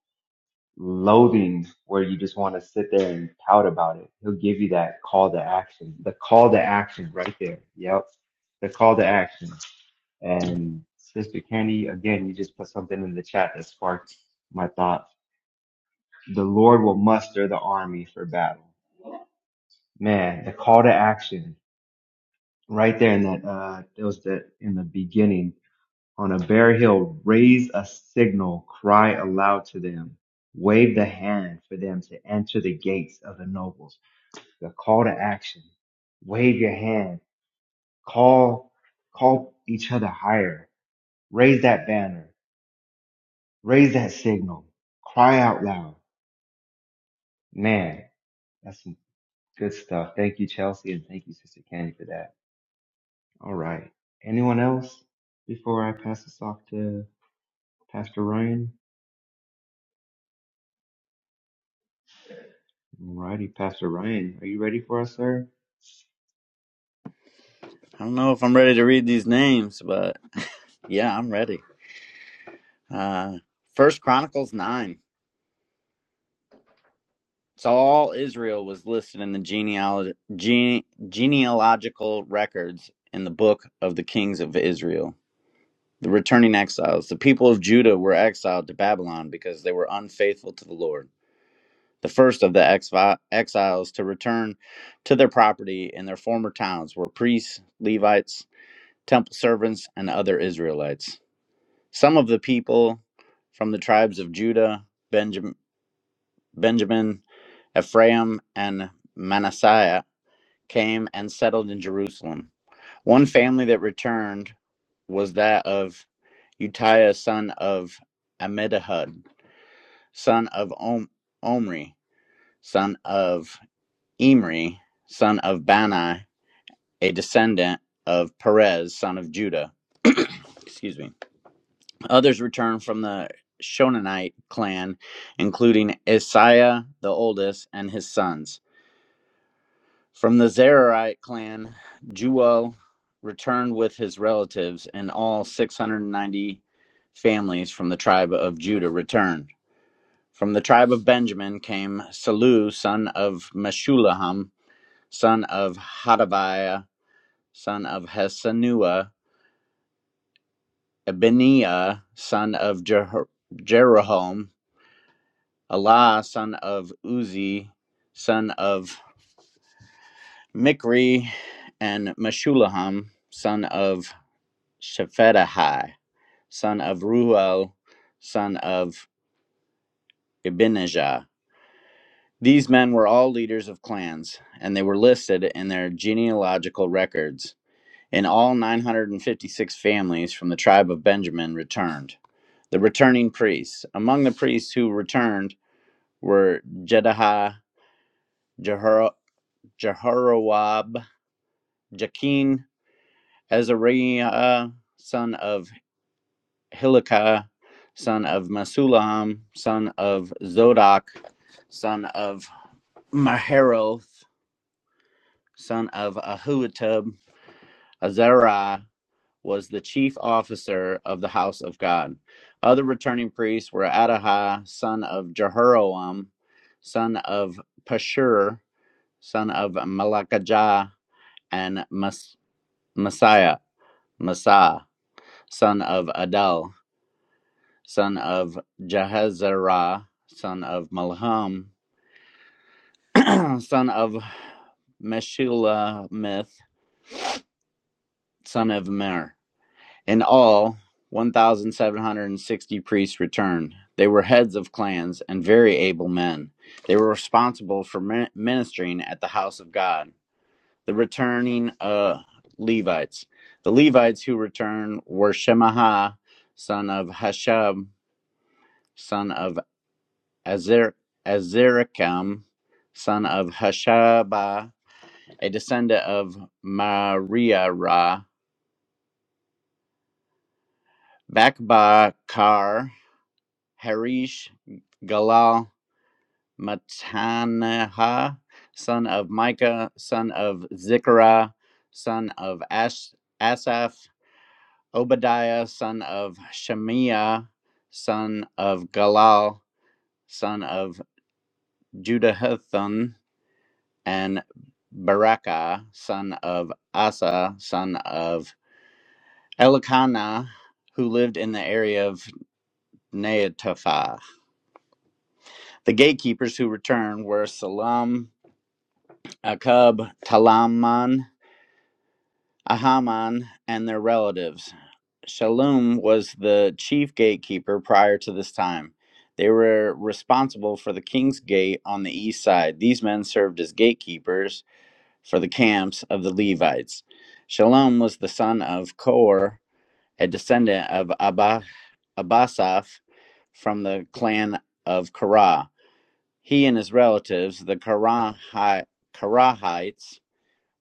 Speaker 1: loathing where you just want to sit there and pout about it he'll give you that call to action the call to action right there yep the call to action and sister candy again you just put something in the chat that sparked my thought the lord will muster the army for battle man the call to action right there in that uh it was the in the beginning on a bare hill, raise a signal, cry aloud to them, wave the hand for them to enter the gates of the nobles. The call to action. Wave your hand. Call, call each other higher. Raise that banner. Raise that signal. Cry out loud. Man, that's some good stuff. Thank you, Chelsea, and thank you, Sister Candy, for that. All right. Anyone else before I pass this off to Pastor Ryan? Alrighty, Pastor Ryan, are you ready for us, sir?
Speaker 6: i don't know if i'm ready to read these names but yeah i'm ready uh first chronicles 9 So all Israel was listed in the genealog- gene- genealogical records in the book of the kings of Israel. The returning exiles, the people of Judah were exiled to Babylon because they were unfaithful to the Lord. The first of the exvi- exiles to return to their property in their former towns were priests, Levites, temple servants, and other Israelites. Some of the people from the tribes of Judah, Benjam- Benjamin, Ephraim, and Manasseh came and settled in Jerusalem. One family that returned was that of Utiah, son of Amidahud, son of Om- Omri, son of Imri, son of Bani, a descendant of Perez, son of Judah. Excuse me. Others returned from the Shonanite clan, including Isaiah the oldest and his sons. From the Zerahite clan, Juel returned with his relatives, and all 690 families from the tribe of Judah returned. From the tribe of Benjamin came Salu, son of Meshullam, son of Hadabiah, son of Hesanua, Ebeniah, son of Jer- Jeroham, Allah, son of Uzi, son of Mikri, and Meshullam, son of Shephetahai, son of Ruel, son of Ibinijah. These men were all leaders of clans, and they were listed in their genealogical records. In all, 956 families from the tribe of Benjamin returned. The returning priests. Among the priests who returned were Jedahiah, Jehoro- Jehorawab, Jakin, Azariah, son of Hilkiah, son of Masulam, son of Zodok, son of Maharoth, son of Ahutub, Azariah was the chief officer of the house of God. Other returning priests were Adahai, son of Jehoram, son of Pashur, son of Malakijah, and Mas- Messiah, Messiah, son of Adel. son of Jahazerah, son of Malham, son of Meshulamith, son of Mer. In all, 1,760 priests returned. They were heads of clans and very able men. They were responsible for ministering at the house of God. The returning uh, Levites. The Levites who returned were Shemaha, son of Hashab, son of Azir- Azirikam, son of Hashabah, a descendant of Mariara, Bakbakar, Harish, Galal, Matanaha, son of Micah, son of Zikra, son of Ash- Asaph, Obadiah, son of Shemiah, son of Galal, son of Judahathan, and Barakah, son of Asa, son of Elikana, who lived in the area of Neataphah. The gatekeepers who returned were Salam, Akub, Talaman, Ahaman, and their relatives. Shalom was the chief gatekeeper prior to this time. They were responsible for the king's gate on the east side. These men served as gatekeepers for the camps of the Levites. Shalom was the son of Kor, a descendant of Abba, Abbasaph from the clan of Korah. He and his relatives, the Korahi- Korahites,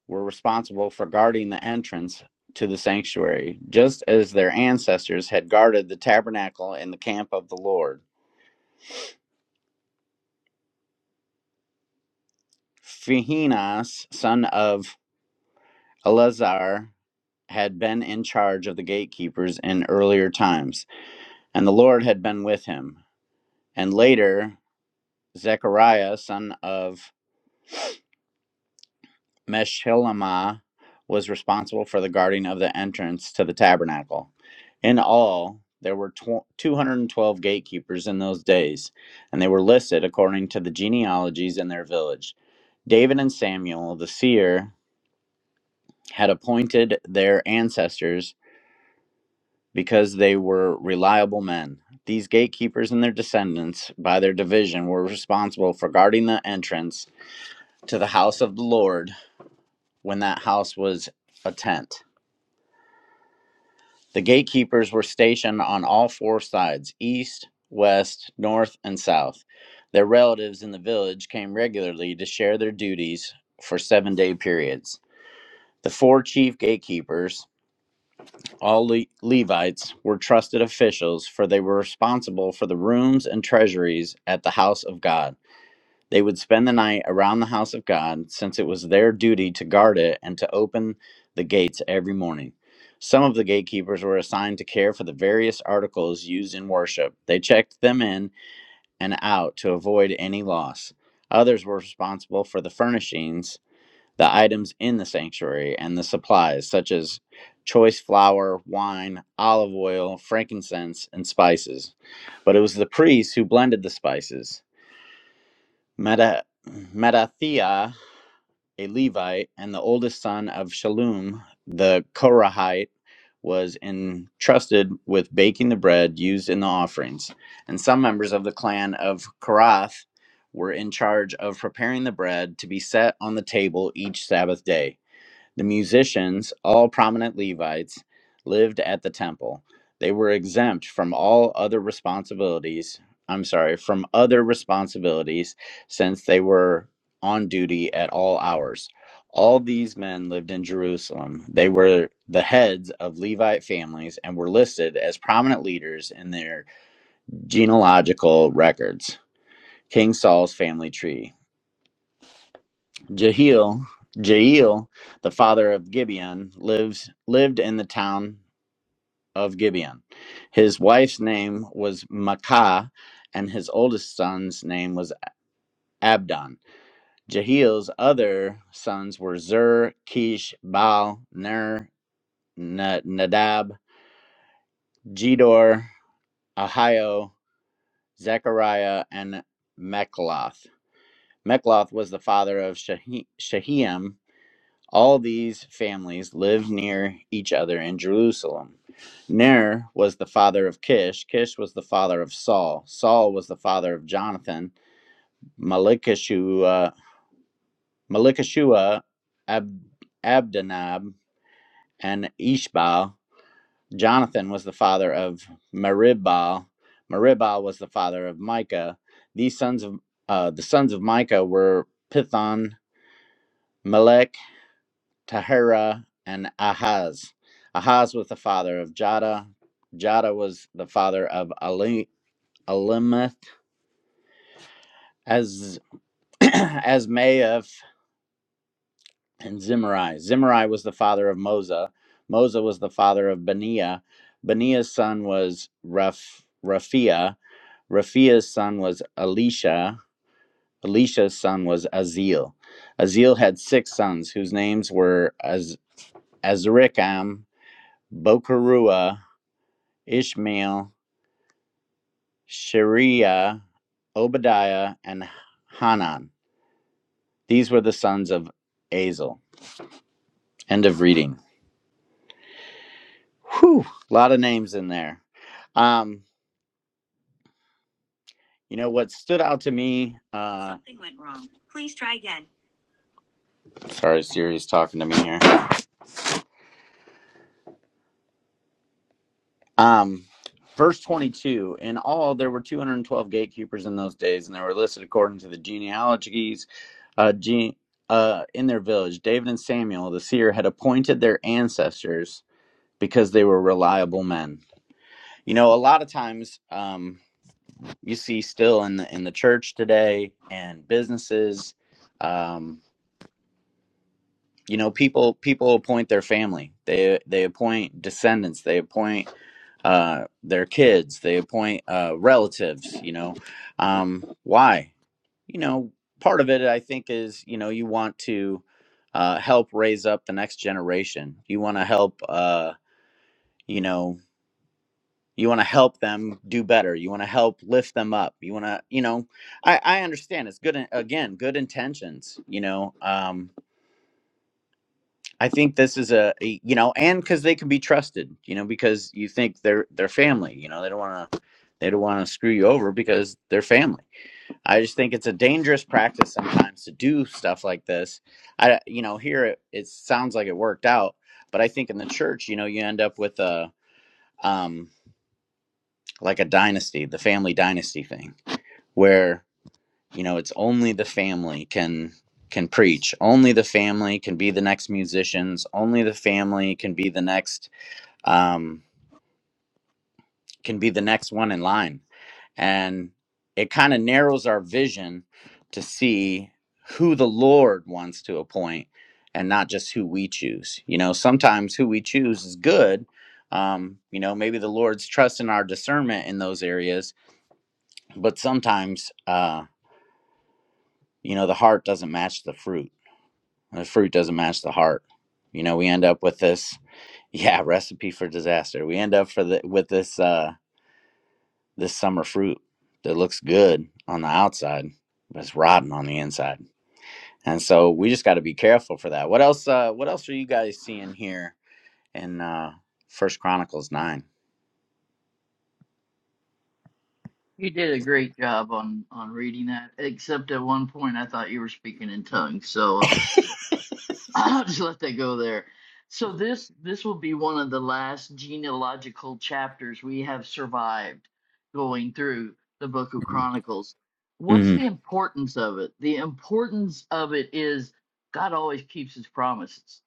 Speaker 6: were responsible for guarding the entrance to the sanctuary, just as their ancestors had guarded the tabernacle in the camp of the Lord. Phinehas, son of Eleazar, had been in charge of the gatekeepers in earlier times. and the Lord had been with him. And later, Zechariah, son of Meshilemah, was responsible for the guarding of the entrance to the tabernacle. In all, there were tw- 212 gatekeepers in those days, and they were listed according to the genealogies in their village. David and Samuel, the seer, had appointed their ancestors because they were reliable men. These gatekeepers and their descendants, by their division, were responsible for guarding the entrance to the house of the Lord when that house was a tent. The gatekeepers were stationed on all four sides east, west, north, and south. Their relatives in the village came regularly to share their duties for seven day periods. The four chief gatekeepers All Le- Levites were trusted officials, for they were responsible for the rooms and treasuries at the house of God. They would spend the night around the house of God, since it was their duty to guard it and to open the gates every morning. Some of the gatekeepers were assigned to care for the various articles used in worship. They checked them in and out to avoid any loss. Others were responsible for the furnishings the items in the sanctuary and the supplies, such as choice flour, wine, olive oil, frankincense, and spices. But it was the priests who blended the spices. Meta- Mattathiah, a Levite, and the oldest son of Shalom, the Korahite, was entrusted with baking the bread used in the offerings. And some members of the clan of Korath were in charge of preparing the bread to be set on the table each Sabbath day the musicians, all prominent Levites, lived at the temple. They were exempt from all other responsibilities. I'm sorry, from other responsibilities since they were on duty at all hours. All these men lived in Jerusalem. They were the heads of Levite families and were listed as prominent leaders in their genealogical records. King Saul's family tree. Jehiel, Jehiel, the father of Gibeon, lives lived in the town of Gibeon. His wife's name was Makah, and his oldest son's name was Abdon. Jehiel's other sons were Zur, Kish, Baal, Ner, Na- Nadab, Gedor, Ahio, Zechariah, and Mechloth. Mechloth was the father of Shehi- Shehem, All these families lived near each other in Jerusalem. Ner was the father of Kish. Kish was the father of Saul. Saul was the father of Jonathan. Malikashua, Malikashua Ab, Abdanab, and Ishbal. Jonathan was the father of Meribal. Meribal was the father of Micah. These sons of uh, the sons of Micah were Pithon, Melech, Tahira, and Ahaz. Ahaz was the father of Jada. Jada was the father of Ali, Alimeth, as Asmaeah, and Zimri. Zimri was the father of Mosa. Mosa was the father of Benia. Benia's son was Raph, Raphia. Raphia's son was Elisha. Elisha's son was Azil. Azil had six sons whose names were Az- Azrikam, Bokarua, Ishmael, Shariah, Obadiah, and Hanan. These were the sons of Azel. End of reading. Whew, a lot of names in there. Um, you know what stood out to me? Uh, Something went wrong. Please try again. Sorry, Siri's talking to me here. Um, verse 22 In all, there were 212 gatekeepers in those days, and they were listed according to the genealogies. Uh, gene, uh, in their village, David and Samuel, the seer, had appointed their ancestors because they were reliable men. You know, a lot of times um, you see still in the in the church today and businesses, um, you know, people people appoint their family. They they appoint descendants. They appoint uh, their kids. They appoint uh, relatives. You know, um, why? You know, part of it I think is you know you want to uh, help raise up the next generation. You want to help. Uh, you know you want to help them do better you want to help lift them up you want to you know i i understand it's good again good intentions you know um i think this is a, a- you know and because they can be trusted you know because you think they're they're family you know they don't want to they don't want to screw you over because they're family i just think it's a dangerous practice sometimes to do stuff like this i you know here it, it sounds like it worked out but i think in the church you know you end up with a um like a dynasty the family dynasty thing where you know it's only the family can can preach only the family can be the next musicians only the family can be the next um, can be the next one in line and it kind of narrows our vision to see who the lord wants to appoint and not just who we choose you know sometimes who we choose is good um, you know maybe the lord's trusting our discernment in those areas but sometimes uh, you know the heart doesn't match the fruit The fruit doesn't match the heart. You know, we end up with this, yeah, recipe for disaster. We end up for the with this uh this summer fruit that looks good on the outside, but it's rotten on the inside. And so we just gotta be careful for that. What else uh what else are you guys seeing here in uh First Chronicles nine?
Speaker 3: You did a great job on on reading that. Except at one point I thought you were speaking in tongues, so I'll just I'll just let that go there. So this this will be one of the last genealogical chapters we have survived going through the book of Chronicles. What's
Speaker 6: hmm
Speaker 3: the importance of it? The importance of it is God always keeps his promises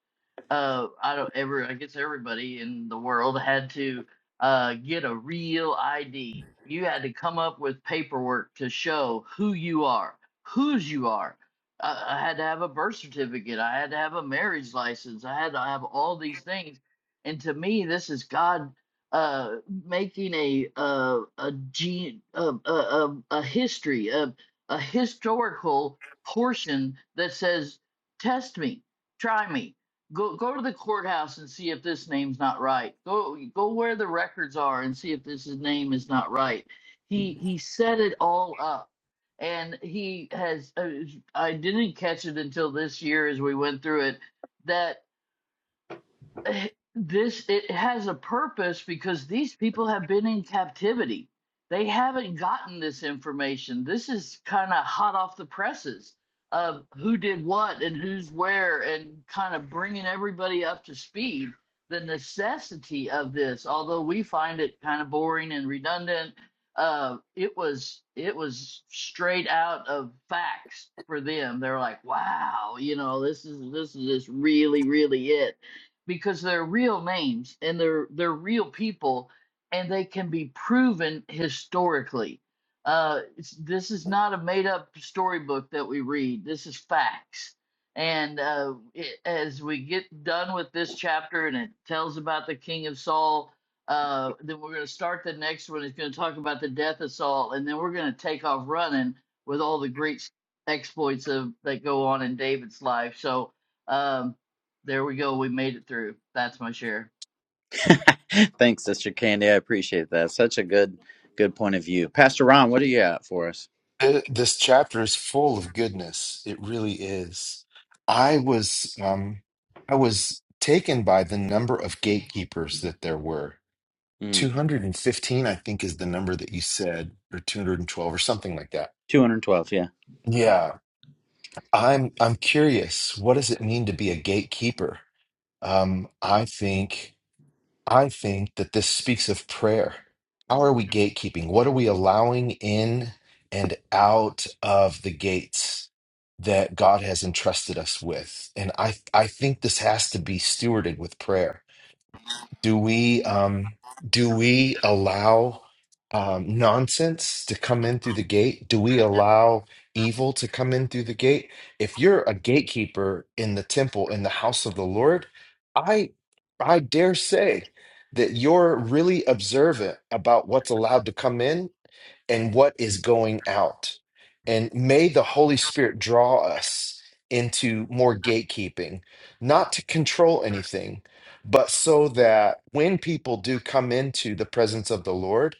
Speaker 3: uh, I don't ever, I guess everybody in the world had to uh, get a real ID. You had to come up with paperwork to show who you are, whose you are. I, I had to have a birth certificate. I had to have a marriage license. I had to have all these things. And to me, this is God uh, making a a a, gene, a, a, a a history, a, a historical portion that says, "Test me, try me, Go go to the courthouse and see if this name's not right. Go go where the records are and see if this is- name is not right. He he set it all up, and he has. Uh, I didn't catch it until this year as we went through it. That this it has a purpose because these people have been in captivity they haven't gotten this information this is kind of hot off the presses of who did what and who's where and kind of bringing everybody up to speed the necessity of this although we find it kind of boring and redundant uh it was it was straight out of facts for them they're like wow you know this is this is just really really it because they're real names and they're they're real people and they can be proven historically. Uh, it's, this is not a made up storybook that we read. This is facts. And uh, it, as we get done with this chapter and it tells about the king of Saul, uh, then we're going to start the next one. It's going to talk about the death of Saul, and then we're going to take off running with all the great exploits of that go on in David's life. So, um, there we go. We made it through. That's my share.
Speaker 6: Thanks, Sister Candy. I appreciate that. Such a good, good point of view. Pastor Ron, what do you got for us?
Speaker 4: Th- This chapter is full of goodness. It really is. I was um I was taken by the number of gatekeepers that there were.
Speaker 6: Mm,
Speaker 4: 215, I think, is the number that you said, or 212 or something like that.
Speaker 6: 212, yeah.
Speaker 4: Yeah. I'm I'm curious, what does it mean to be a gatekeeper? Um, I think I think that this speaks of prayer. How are we gatekeeping? What are we allowing in and out of the gates that God has entrusted us with? And I I think this has to be stewarded with prayer. do we um do we allow um nonsense to come in through the gate do we allow evil to come in through the gate if you're a gatekeeper in the temple in the house of the lord i i dare say that you're really observant about what's allowed to come in and what is going out. And may the Holy Spirit draw us into more gatekeeping, not to control anything, but so that when people do come into the presence of the Lord,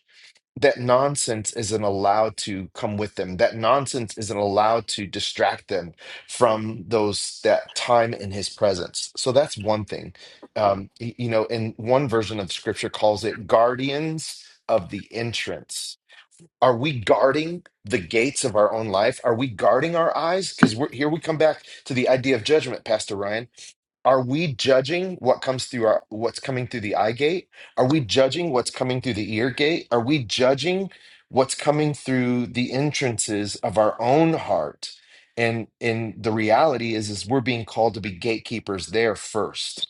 Speaker 4: that nonsense isn't allowed to come with them. That nonsense isn't allowed to distract them from those that time in His presence. So that's one thing. Um, y- you know, in one version of Scripture calls it guardians of the entrance are we guarding the gates of our own life? Are we guarding our eyes? Because we're here we come back to the idea of judgment, Pastor Ryan. Are we judging what comes through our what's coming through the eye gate? Are we judging what's coming through the ear gate? Are we judging what's coming through the entrances of our own heart? And and the reality is is we're being called to be gatekeepers there first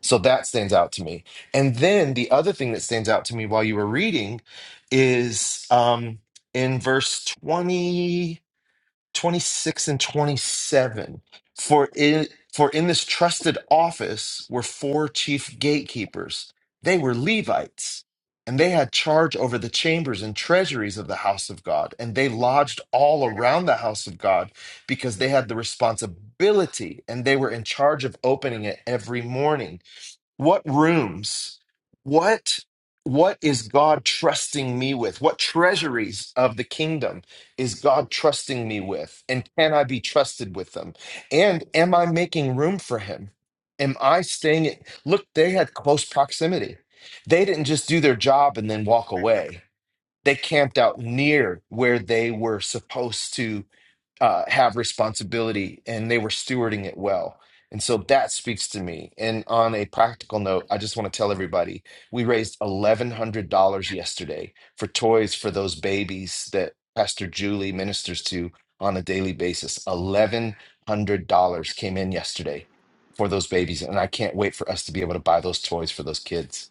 Speaker 4: so that stands out to me. And then the other thing that stands out to me while you were reading is um, in verse 20, 26, and 27. For in, for in this trusted office were four chief gatekeepers. They were Levites, and they had charge over the chambers and treasuries of the house of God. And they lodged all around the house of God because they had the responsibility and they were in charge of opening it every morning what rooms what what is god trusting me with what treasuries of the kingdom is god trusting me with and can i be trusted with them and am i making room for him am i staying at look they had close proximity they didn't just do their job and then walk away they camped out near where they were supposed to uh, have responsibility and they were stewarding it well. And so that speaks to me. And on a practical note, I just want to tell everybody we raised $1,100 yesterday for toys for those babies that Pastor Julie ministers to on a daily basis. $1,100 came in yesterday for those babies. And I can't wait for us to be able to buy those toys for those kids.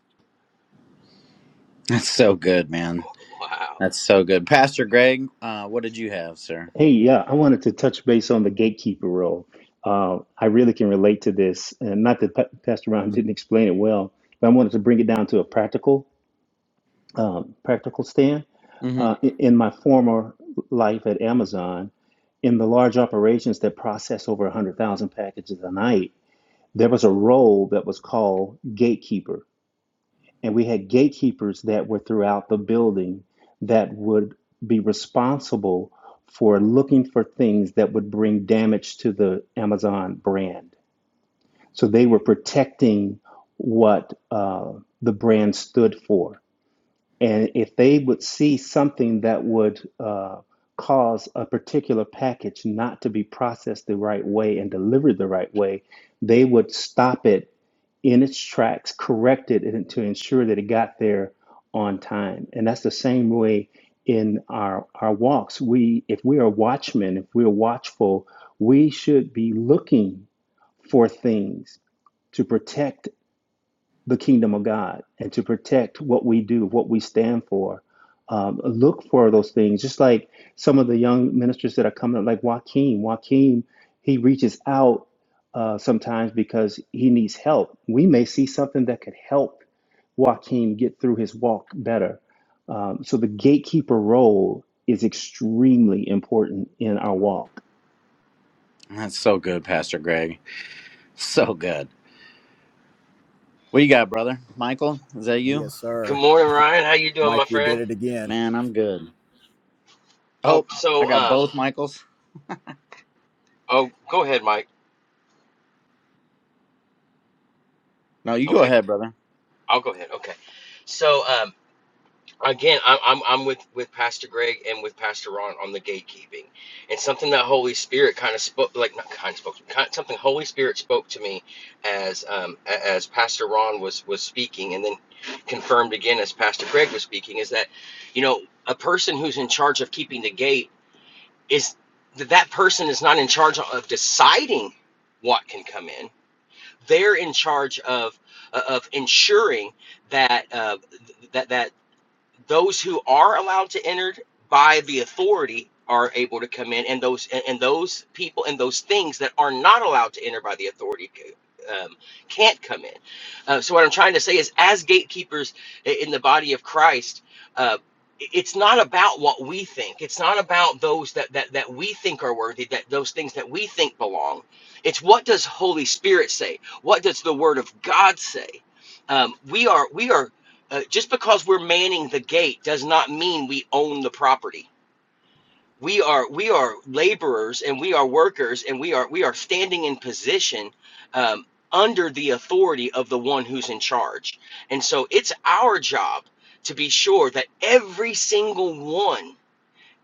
Speaker 6: That's so good, man.
Speaker 9: Wow.
Speaker 6: That's so good. Pastor Greg, uh, what did you have, sir?
Speaker 10: Hey, yeah, I wanted to touch base on the gatekeeper role. Uh, I really can relate to this, and not that Pa- Pastor Ron didn't explain it well, but I wanted to bring it down to a practical, um, practical stand.
Speaker 6: hmm
Speaker 10: Uh, in, in my former life at Amazon, in the large operations that process over 100,000 packages a night, there was a role that was called gatekeeper. And we had gatekeepers that were throughout the building that would be responsible for looking for things that would bring damage to the Amazon brand. So they were protecting what uh, the brand stood for. And if they would see something that would uh, cause a particular package not to be processed the right way and delivered the right way, they would stop it in its tracks, corrected it to ensure that it got there on time. And that's the same way in our our walks. We if we are watchmen, if we're watchful, we should be looking for things to protect the kingdom of God and to protect what we do, what we stand for. Um, look for those things, just like some of the young ministers that are coming up, like Joaquin. Joaquin, he reaches out uh, sometimes because he needs help. We may see something that could help Joaquin get through his walk better. Um, so the gatekeeper role is extremely important in our walk.
Speaker 6: That's so good, Pastor Greg. So good. What you got, brother? Michael, is that you?
Speaker 11: Yes,
Speaker 9: Good
Speaker 11: sir.
Speaker 9: morning, Ryan. How you doing, my
Speaker 11: Mike, we did
Speaker 9: friend?
Speaker 11: it again.
Speaker 6: Man, I'm good.
Speaker 9: Uh,
Speaker 6: Oh, I
Speaker 9: so,
Speaker 6: got
Speaker 9: um,
Speaker 6: both Michaels.
Speaker 9: oh, go ahead, Mike.
Speaker 6: No, you go
Speaker 9: Okay,
Speaker 6: ahead, brother.
Speaker 9: I'll go ahead. Okay. So, um, again, I'm I'm I'm with with Pastor Greg and with Pastor Ron on the gatekeeping, and something that Holy Spirit kind of spoke, like not kind of spoke, kind, something Holy Spirit spoke to me as um a- as Pastor Ron was was speaking, and then confirmed again as Pastor Greg was speaking, is that, you know, a person who's in charge of keeping the gate is that that person is not in charge of deciding what can come in. They're in charge of uh, of ensuring that uh, that that those who are allowed to enter by the authority are able to come in and those and, and those people and those things that are not allowed to enter by the authority um, can't come in uh, so what i'm trying to say is as gatekeepers i- in the body of christ uh, i- it's not about what we think it's not about those that, that that we think are worthy that those things that we think belong it's what does holy spirit say what does the word of god say um, we are we are uh, just because we're manning the gate does not mean we own the property. We are we are laborers and we are workers and we are we are standing in position um, under the authority of the one who's in charge. And so it's our job to be sure that every single one,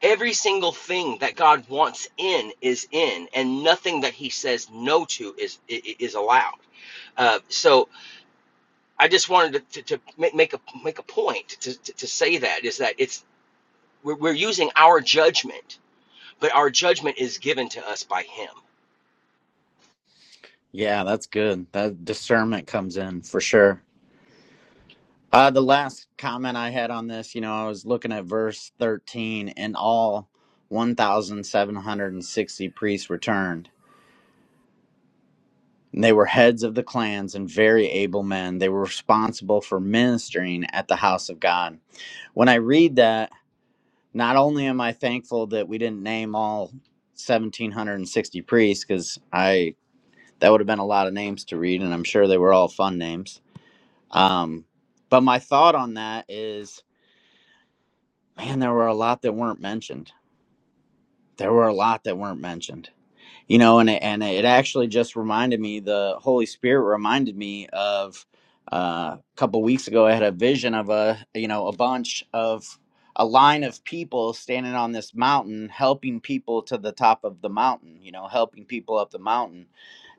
Speaker 9: every single thing that God wants in is in, and nothing that He says no to is is allowed. Uh, so I just wanted to, to, to make, make a make a point to, to, to say that is that it's we're, we're using our judgment, but our judgment is given to us by Him.
Speaker 6: Yeah, that's good. That discernment comes in for sure. Uh, the last comment I had on this, you know, I was looking at verse 13, and all 1,760 priests returned. And They were heads of the clans and very able men. They were responsible for ministering at the house of God. When I read that, not only am I thankful that we didn't name all 1760 priests cuz I that would have been a lot of names to read and I'm sure they were all fun names. Um but my thought on that is man there were a lot that weren't mentioned. There were a lot that weren't mentioned. you know and it, and it actually just reminded me the holy spirit reminded me of uh, a couple weeks ago i had a vision of a you know a bunch of a line of people standing on this mountain helping people to the top of the mountain you know helping people up the mountain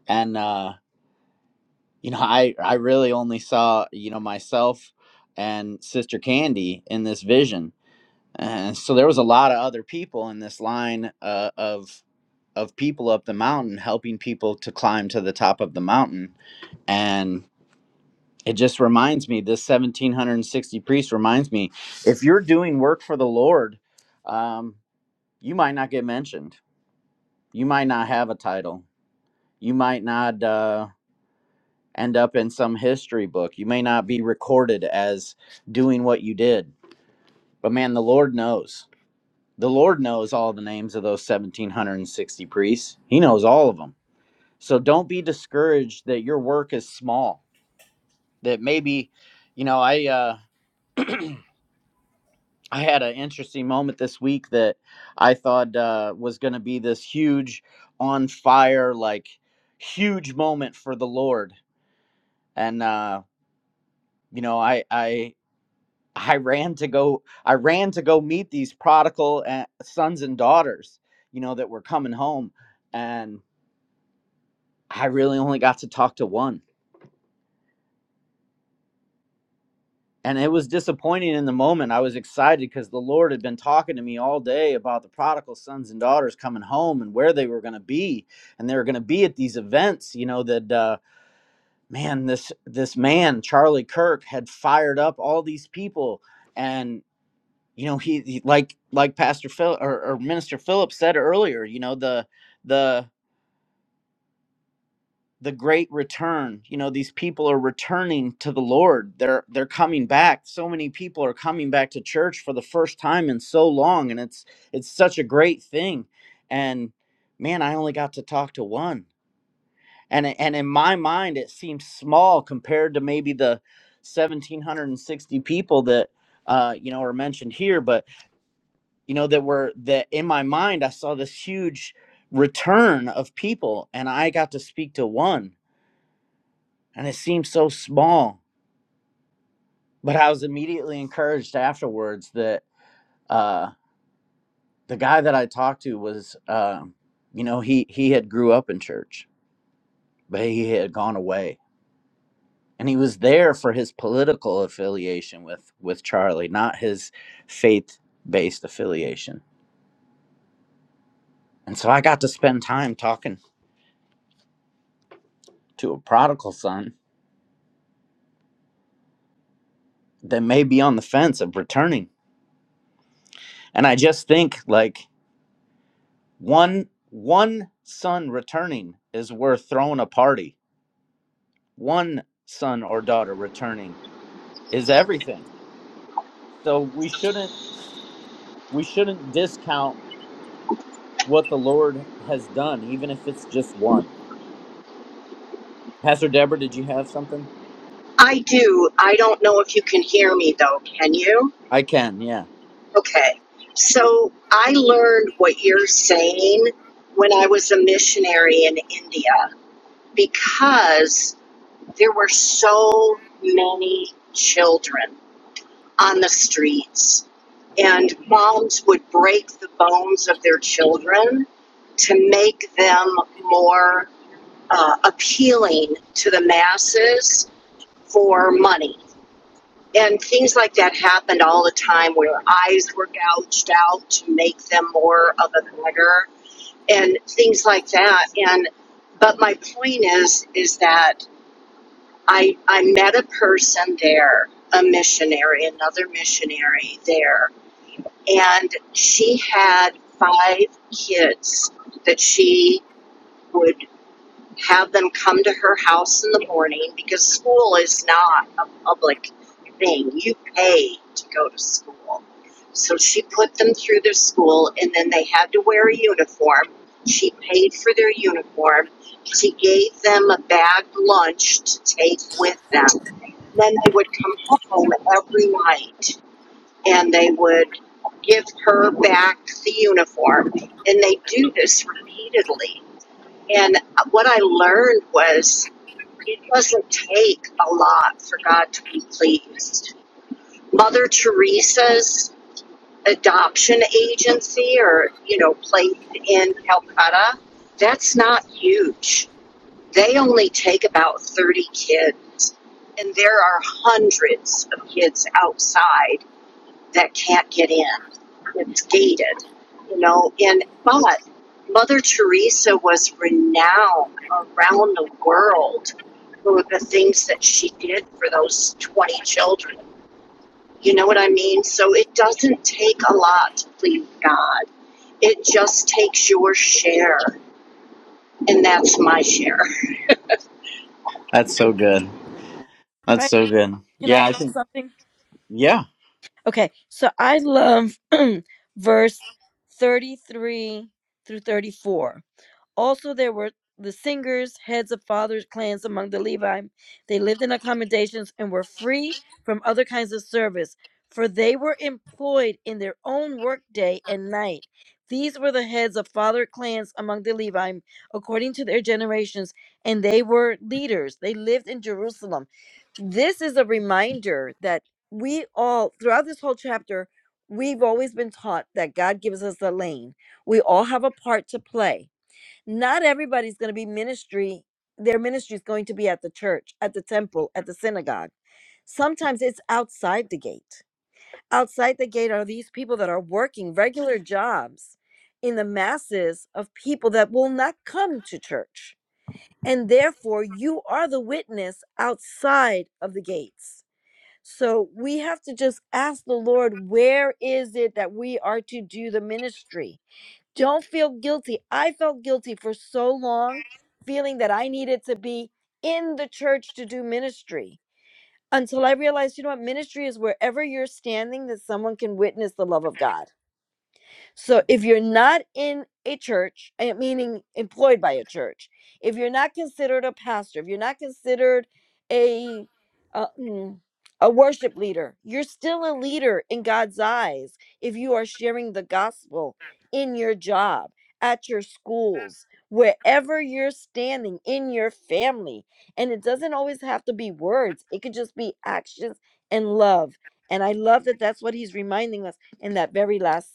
Speaker 6: and uh you know i i really only saw you know myself and sister candy in this vision and so there was a lot of other people in this line uh, of of people up the mountain helping people to climb to the top of the mountain and it just reminds me this 1760 priest reminds me if you're doing work for the lord um, you might not get mentioned you might not have a title you might not uh, end up in some history book you may not be recorded as doing what you did but man the lord knows The Lord knows all the names of those 1760 priests. He knows all of them. So don't be discouraged that your work is small. That maybe, you know, I uh I had an interesting moment this week that I thought uh was going to be this huge on fire like huge moment for the Lord. And uh you know, I I I ran to go I ran to go meet these prodigal uh, sons and daughters, you know, that were coming home and. I really only got to talk to one. And it was disappointing in the moment. I was excited because the Lord had been talking to me all day about the prodigal sons and daughters coming home and where they were going to be, and they were going to be at these events. You know that uh, man, this this man Charlie Kirk had fired up all these people, and you know he, he like like Pastor Phil or, or Minister Phillips said earlier. You know the the the great return you know these people are returning to the lord they're they're coming back so many people are coming back to church for the first time in so long and it's it's such a great thing and man i only got to talk to one and it- and in my mind it seems small compared to maybe the 1760 people that uh you know are mentioned here but you know that were that in my mind i saw this huge return of people and i got to speak to one and it seemed so small. But I was immediately encouraged afterwards that uh, the guy that I talked to was, um, you know, he he had grew up in church, but he had gone away, and he was there for his political affiliation with with Charlie, not his faith based affiliation. And so I got to spend time talking to a prodigal son that may be on the fence of returning, and I just think like one one son returning is worth throwing a party one son or daughter returning is everything. So we shouldn't we shouldn't discount what the Lord has done, even if it's just one. Pastor Deborah, did you have something?
Speaker 12: I do. I don't know if you can hear me though. Can you?
Speaker 6: I can, yeah.
Speaker 12: Okay. So I learned what you're saying when I was a missionary in India because there were so many children on the streets, and moms would break the bones of their children to make them more uh, appealing to the masses for money and things like that happened all the time where eyes were gouged out to make them more of a beggar and things like that and but my point is is that i i met a person there a missionary another missionary there and she had five kids that she would have them come to her house in the morning because school is not a public thing. You pay to go to school. So she put them through the school and then they had to wear a uniform. She paid for their uniform. She gave them a bagged lunch to take with them. Then they would come home every night and they would give her back the uniform. And they do this repeatedly and what I learned was it doesn't take a lot for God to be pleased. Mother Teresa's adoption agency or, you know, place in Calcutta, that's not huge. They only take about 30 kids, and there are hundreds of kids outside that can't get in. It's gated, you know. And but Mother Teresa was renowned around the world for the things that she did for those twenty children. You know what I mean? So it doesn't take a lot to please God. It just takes your share, and that's my share.
Speaker 6: That's so good. That's
Speaker 2: Right?
Speaker 6: so good.
Speaker 2: Can
Speaker 6: Yeah,
Speaker 2: I
Speaker 6: I think
Speaker 2: something?
Speaker 6: yeah.
Speaker 2: Okay, so I love verse 33 through 34. Also, there were the singers, heads of fathers' clans among the Levi. They lived in accommodations and were free from other kinds of service, for they were employed in their own work day and night. These were the heads of father clans among the Levi, according to their generations, and they were leaders. They lived in Jerusalem. This is a reminder that we all, throughout this whole chapter, we've always been taught that God gives us a lane. We all have a part to play not everybody's going to be ministry their ministry is going to be at the church at the temple at the synagogue sometimes it's outside the gate outside the gate are these people that are working regular jobs in the masses of people that will not come to church and therefore you are the witness outside of the gates so we have to just ask the lord where is it that we are to do the ministry don't feel guilty. I felt guilty for so long, feeling that I needed to be in the church to do ministry until I realized, you know what, ministry is wherever you're standing that someone can witness the love of God. So if you're not in a church, eh, meaning employed by a church, if you're not considered a pastor, if you're not considered a uh, mm, a worship leader, you're still a leader in God's eyes if you are sharing the gospel in your job, at your schools, wherever you're standing in your family. And it doesn't always have to be words. It could just be actions and love. And I love that that's what he's reminding us in that very last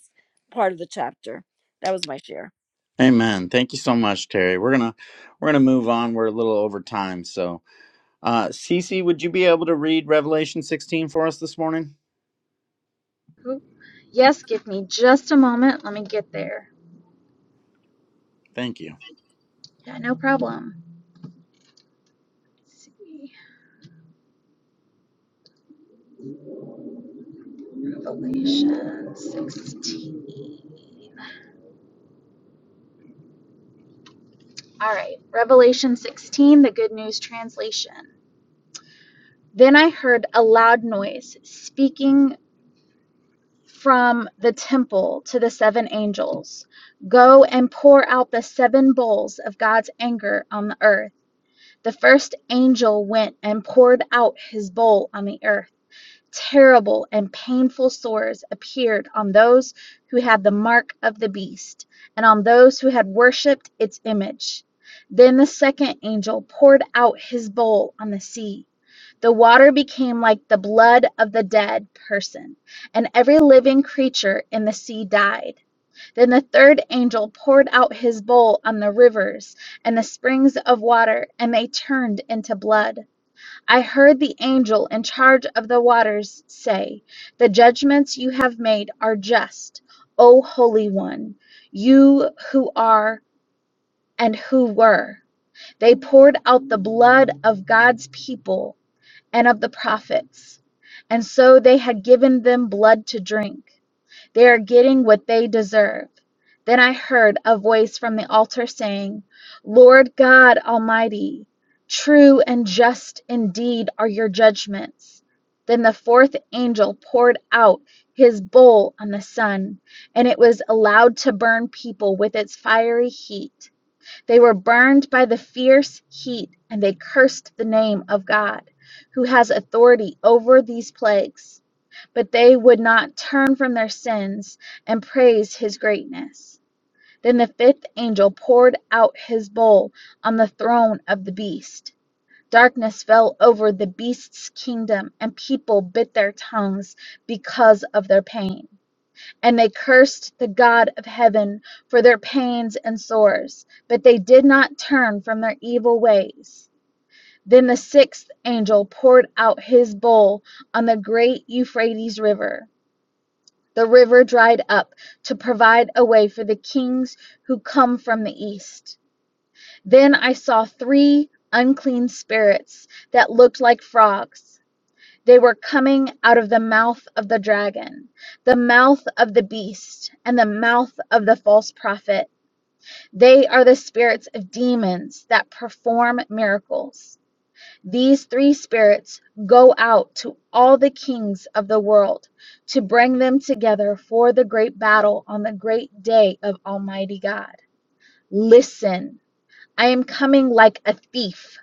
Speaker 2: part of the chapter. That was my share.
Speaker 6: Amen. Thank you so much, Terry. We're gonna we're gonna move on. We're a little over time. So uh Cece, would you be able to read Revelation sixteen for us this morning?
Speaker 5: Oop. Yes, give me just a moment. Let me get there.
Speaker 6: Thank you.
Speaker 5: Yeah, no problem. Let's see. Revelation 16. All right, Revelation 16, the Good News Translation. Then I heard a loud noise speaking from the temple to the seven angels Go and pour out the seven bowls of God's anger on the earth. The first angel went and poured out his bowl on the earth Terrible and painful sores appeared on those who had the mark of the beast, and on those who had worshipped its image. Then the second angel poured out his bowl on the sea. The water became like the blood of the dead person, and every living creature in the sea died. Then the third angel poured out his bowl on the rivers and the springs of water, and they turned into blood. I heard the angel in charge of the waters say, The judgments you have made are just, O Holy One, you who are and who were. They poured out the blood of God's people and of the prophets, and so they had given them blood to drink. They are getting what they deserve. Then I heard a voice from the altar saying, Lord God Almighty, true and just indeed are your judgments. Then the fourth angel poured out his bowl on the sun, and it was allowed to burn people with its fiery heat. They were burned by the fierce heat, and they cursed the name of God, who has authority over these plagues. But they would not turn from their sins and praise his greatness. Then the fifth angel poured out his bowl on the throne of the beast. Darkness fell over the beast's kingdom, and people bit their tongues because of their pain. And they cursed the God of heaven for their pains and sores, but they did not turn from their evil ways. Then the sixth angel poured out his bowl on the great Euphrates River the river dried up to provide a way for the kings who come from the east. Then I saw three unclean spirits that looked like frogs. They were coming out of the mouth of the dragon, the mouth of the beast, and the mouth of the false prophet. They are the spirits of demons that perform miracles these three spirits go out to all the kings of the world to bring them together for the great battle on the great day of Almighty God. Listen, I am coming like a thief.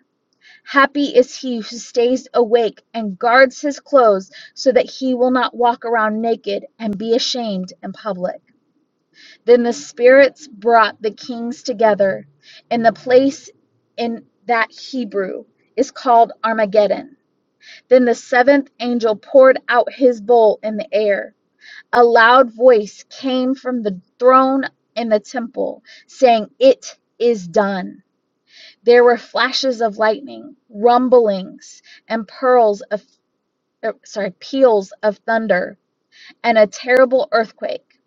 Speaker 5: Happy is he who stays awake and guards his clothes so that he will not walk around naked and be ashamed in public. Then the spirits brought the kings together in the place in that Hebrew is called Armageddon then the seventh angel poured out his bowl in the air. A loud voice came from the throne in the temple saying, It is done. There were flashes of lightning, rumblings, and pearls of er, sorry, peals of thunder, and a terrible earthquake.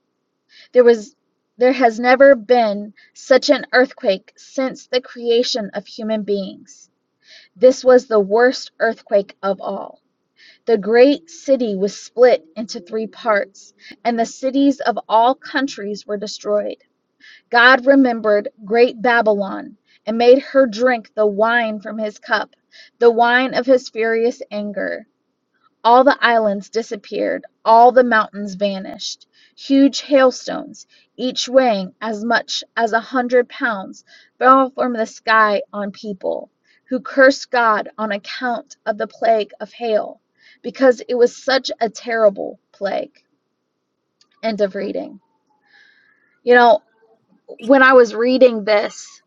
Speaker 5: There was there has never been such an earthquake since the creation of human beings. This was the worst earthquake of all. The great city was split into three parts, and the cities of all countries were destroyed. God remembered great Babylon and made her drink the wine from his cup, the wine of his furious anger. All the islands disappeared, all the mountains vanished. Huge hailstones, each weighing as much as a hundred pounds, fell from the sky on people, who cursed God on account of the plague of hail, because it was such a terrible plague. End of reading. You know, when I was reading this,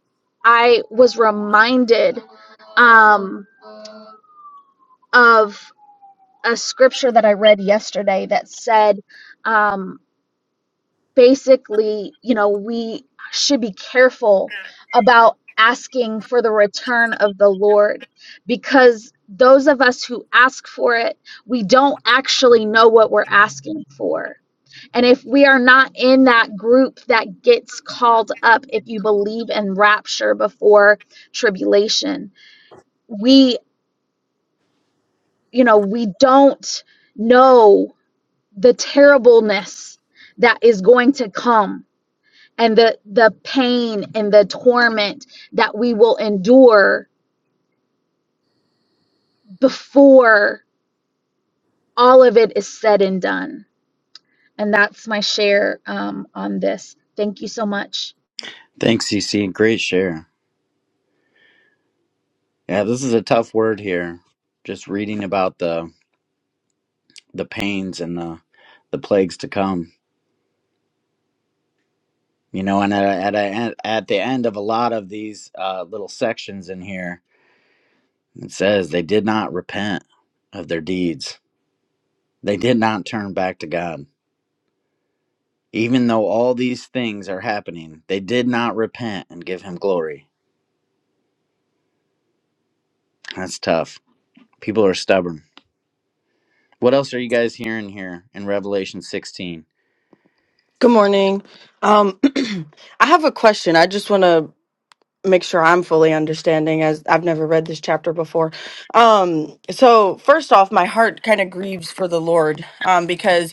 Speaker 5: I was reminded um, of a scripture that I read yesterday that said, um, basically, you know, we should be careful about asking for the return of the Lord because those of us who ask for it, we don't actually know what we're asking for. And if we are not in that group that gets called up, if you believe in rapture before tribulation, we, you know, we don't know the terribleness that is going to come and the the pain and the torment that we will endure before all of it is said and done and that's my share um, on this thank you so much
Speaker 6: Thanks, CC. Great share. Yeah, this is a tough word here. Just reading about the the pains and the the plagues to come. You know, and at at, at at the end of a lot of these uh, little sections in here, it says they did not repent of their deeds. They did not turn back to God. Even though all these things are happening, they did not repent and give him glory. That's tough. People are stubborn. What else are you guys hearing here in Revelation 16?
Speaker 13: Good morning. Um, I have a question. I just want to make sure I'm fully understanding, as I've never read this chapter before. Um, so, first off, my heart kind of grieves for the Lord um, because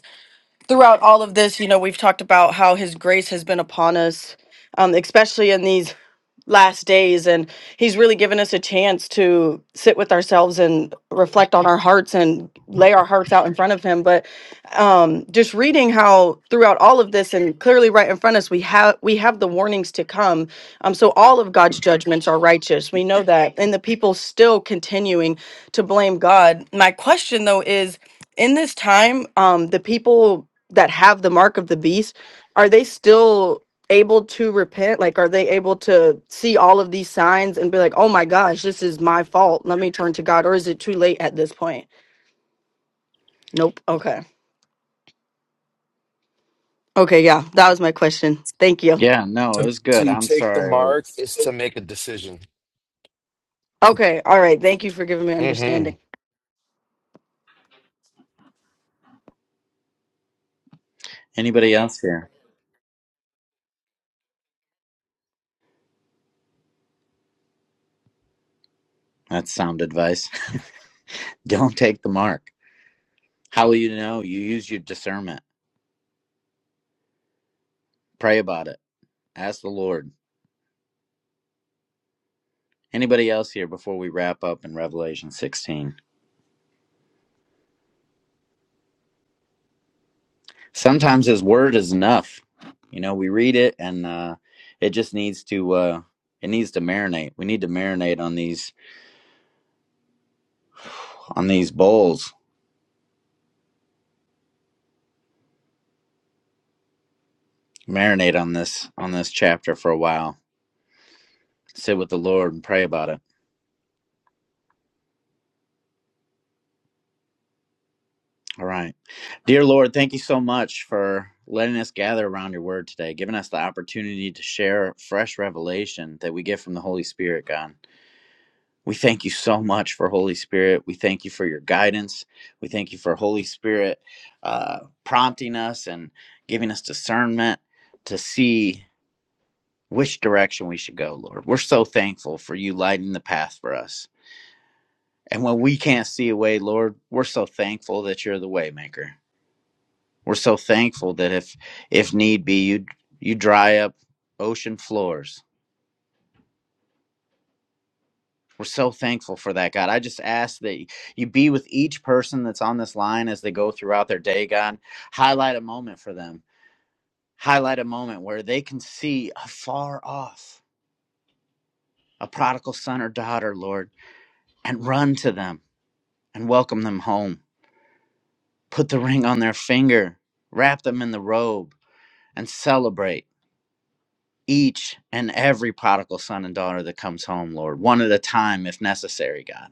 Speaker 13: throughout all of this, you know, we've talked about how His grace has been upon us, um, especially in these last days. And He's really given us a chance to sit with ourselves and reflect on our hearts and lay our hearts out in front of Him. But um, just reading how throughout all of this, and clearly right in front of us, we have we have the warnings to come. Um, so all of God's judgments are righteous. We know that, and the people still continuing to blame God. My question though is in this time, um, the people that have the mark of the beast are they still able to repent like are they able to see all of these signs and be like oh my gosh this is my fault let me turn to god or is it too late at this point nope okay okay yeah that was my question thank you
Speaker 6: Yeah, no, it
Speaker 4: To,
Speaker 6: was good.
Speaker 4: to
Speaker 6: I'm
Speaker 4: take the
Speaker 6: sorry.
Speaker 4: mark is to make a decision.
Speaker 13: okay all right thank you for giving me
Speaker 4: Mm-hmm.
Speaker 13: understanding
Speaker 6: Anybody else here? That's sound advice. Don't take the mark. How will you know? You use your discernment. Pray about it. Ask the Lord. Anybody else here before we wrap up in Revelation 16? sometimes his word is enough you know we read it and uh it just needs to uh it needs to marinate we need to marinate on these on these bowls marinate on this on this chapter for a while sit with the lord and pray about it all right dear lord thank you so much for letting us gather around your word today giving us the opportunity to share fresh revelation that we get from the holy spirit god We thank you so much for Holy Spirit. We thank you for your guidance. We thank you for Holy Spirit uh, prompting us and giving us discernment to see which direction we should go, Lord. We're so thankful for you lighting the path for us. And when we can't see a way, Lord, we're so thankful that you're the waymaker. We're so thankful that if if need be, you you dry up ocean floors We're so thankful for that, God. I just ask that you be with each person that's on this line as they go throughout their day, God. Highlight a moment for them, highlight a moment where they can see afar off a prodigal son or daughter, Lord, and run to them and welcome them home. Put the ring on their finger, wrap them in the robe, and celebrate each and every prodigal son and daughter that comes home, Lord, one at a time if necessary, God.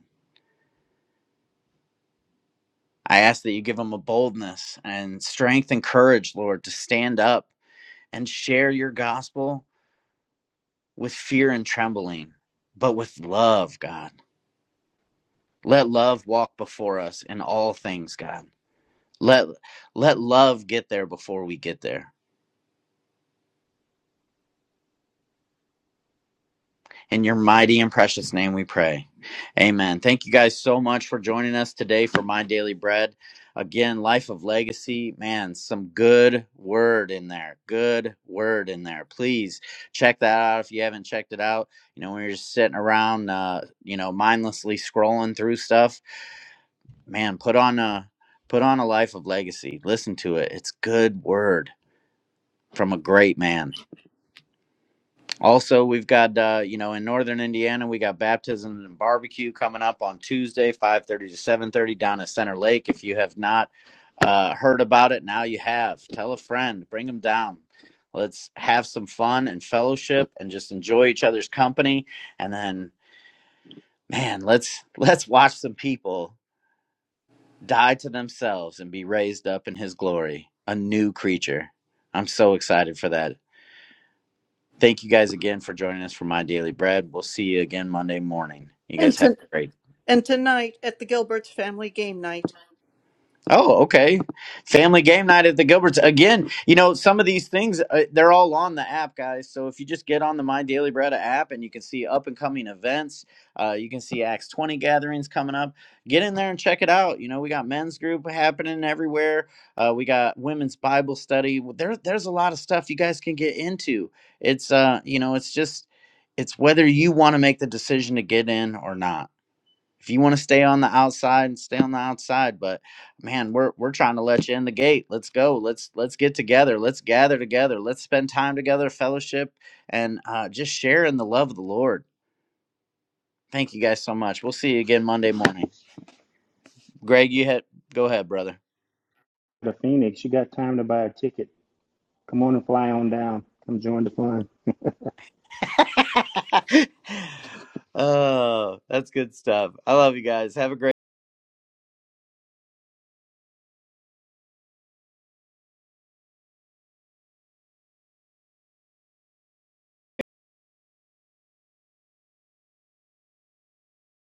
Speaker 6: I ask that you give them a boldness and strength and courage, Lord, to stand up and share your gospel with fear and trembling, but with love, God. Let love walk before us in all things, God. Let let love get there before we get there. In your mighty and precious name we pray. Amen. Thank you guys so much for joining us today for My Daily Bread. Again, Life of Legacy, man, some good word in there. Good word in there. Please check that out if you haven't checked it out. You know, when you're just sitting around, uh, you know, mindlessly scrolling through stuff, man, put on a put on a Life of Legacy. Listen to it. It's good word from a great man. Also, we've got uh, you know in northern Indiana, we got baptism and barbecue coming up on Tuesday, five thirty to seven thirty down at Center Lake. If you have not uh, heard about it, now you have. Tell a friend, bring them down. Let's have some fun and fellowship, and just enjoy each other's company. And then, man, let's let's watch some people die to themselves and be raised up in His glory, a new creature. I'm so excited for that. Thank you guys again for joining us for My Daily Bread. We'll see you again Monday morning. You guys
Speaker 14: And,
Speaker 6: have
Speaker 14: to,
Speaker 6: a great day.
Speaker 14: and tonight at the Gilbert's family game night.
Speaker 6: Oh, okay. Family game night at the Gilberts. Again, you know, some of these things, uh, they're all on the app, guys. So if you just get on the My Daily Bread app and you can see up and coming events, uh, you can see Acts 20 gatherings coming up. Get in there and check it out. You know, we got men's group happening everywhere. Uh, we got women's Bible study. There, there's a lot of stuff you guys can get into. It's, uh, you know, it's just, it's whether you want to make the decision to get in or not if you want to stay on the outside, stay on the outside. But man, we're we're trying to let you in the gate. Let's go. Let's let's get together. Let's gather together. Let's spend time together, fellowship, and uh, just share in the love of the Lord. Thank you guys so much. We'll see you again Monday morning. Greg, you had go ahead, brother.
Speaker 10: The Phoenix, you got time to buy a ticket. Come on and fly on down. Come join the fun.
Speaker 6: oh, that's good stuff. I love you guys. Have a great.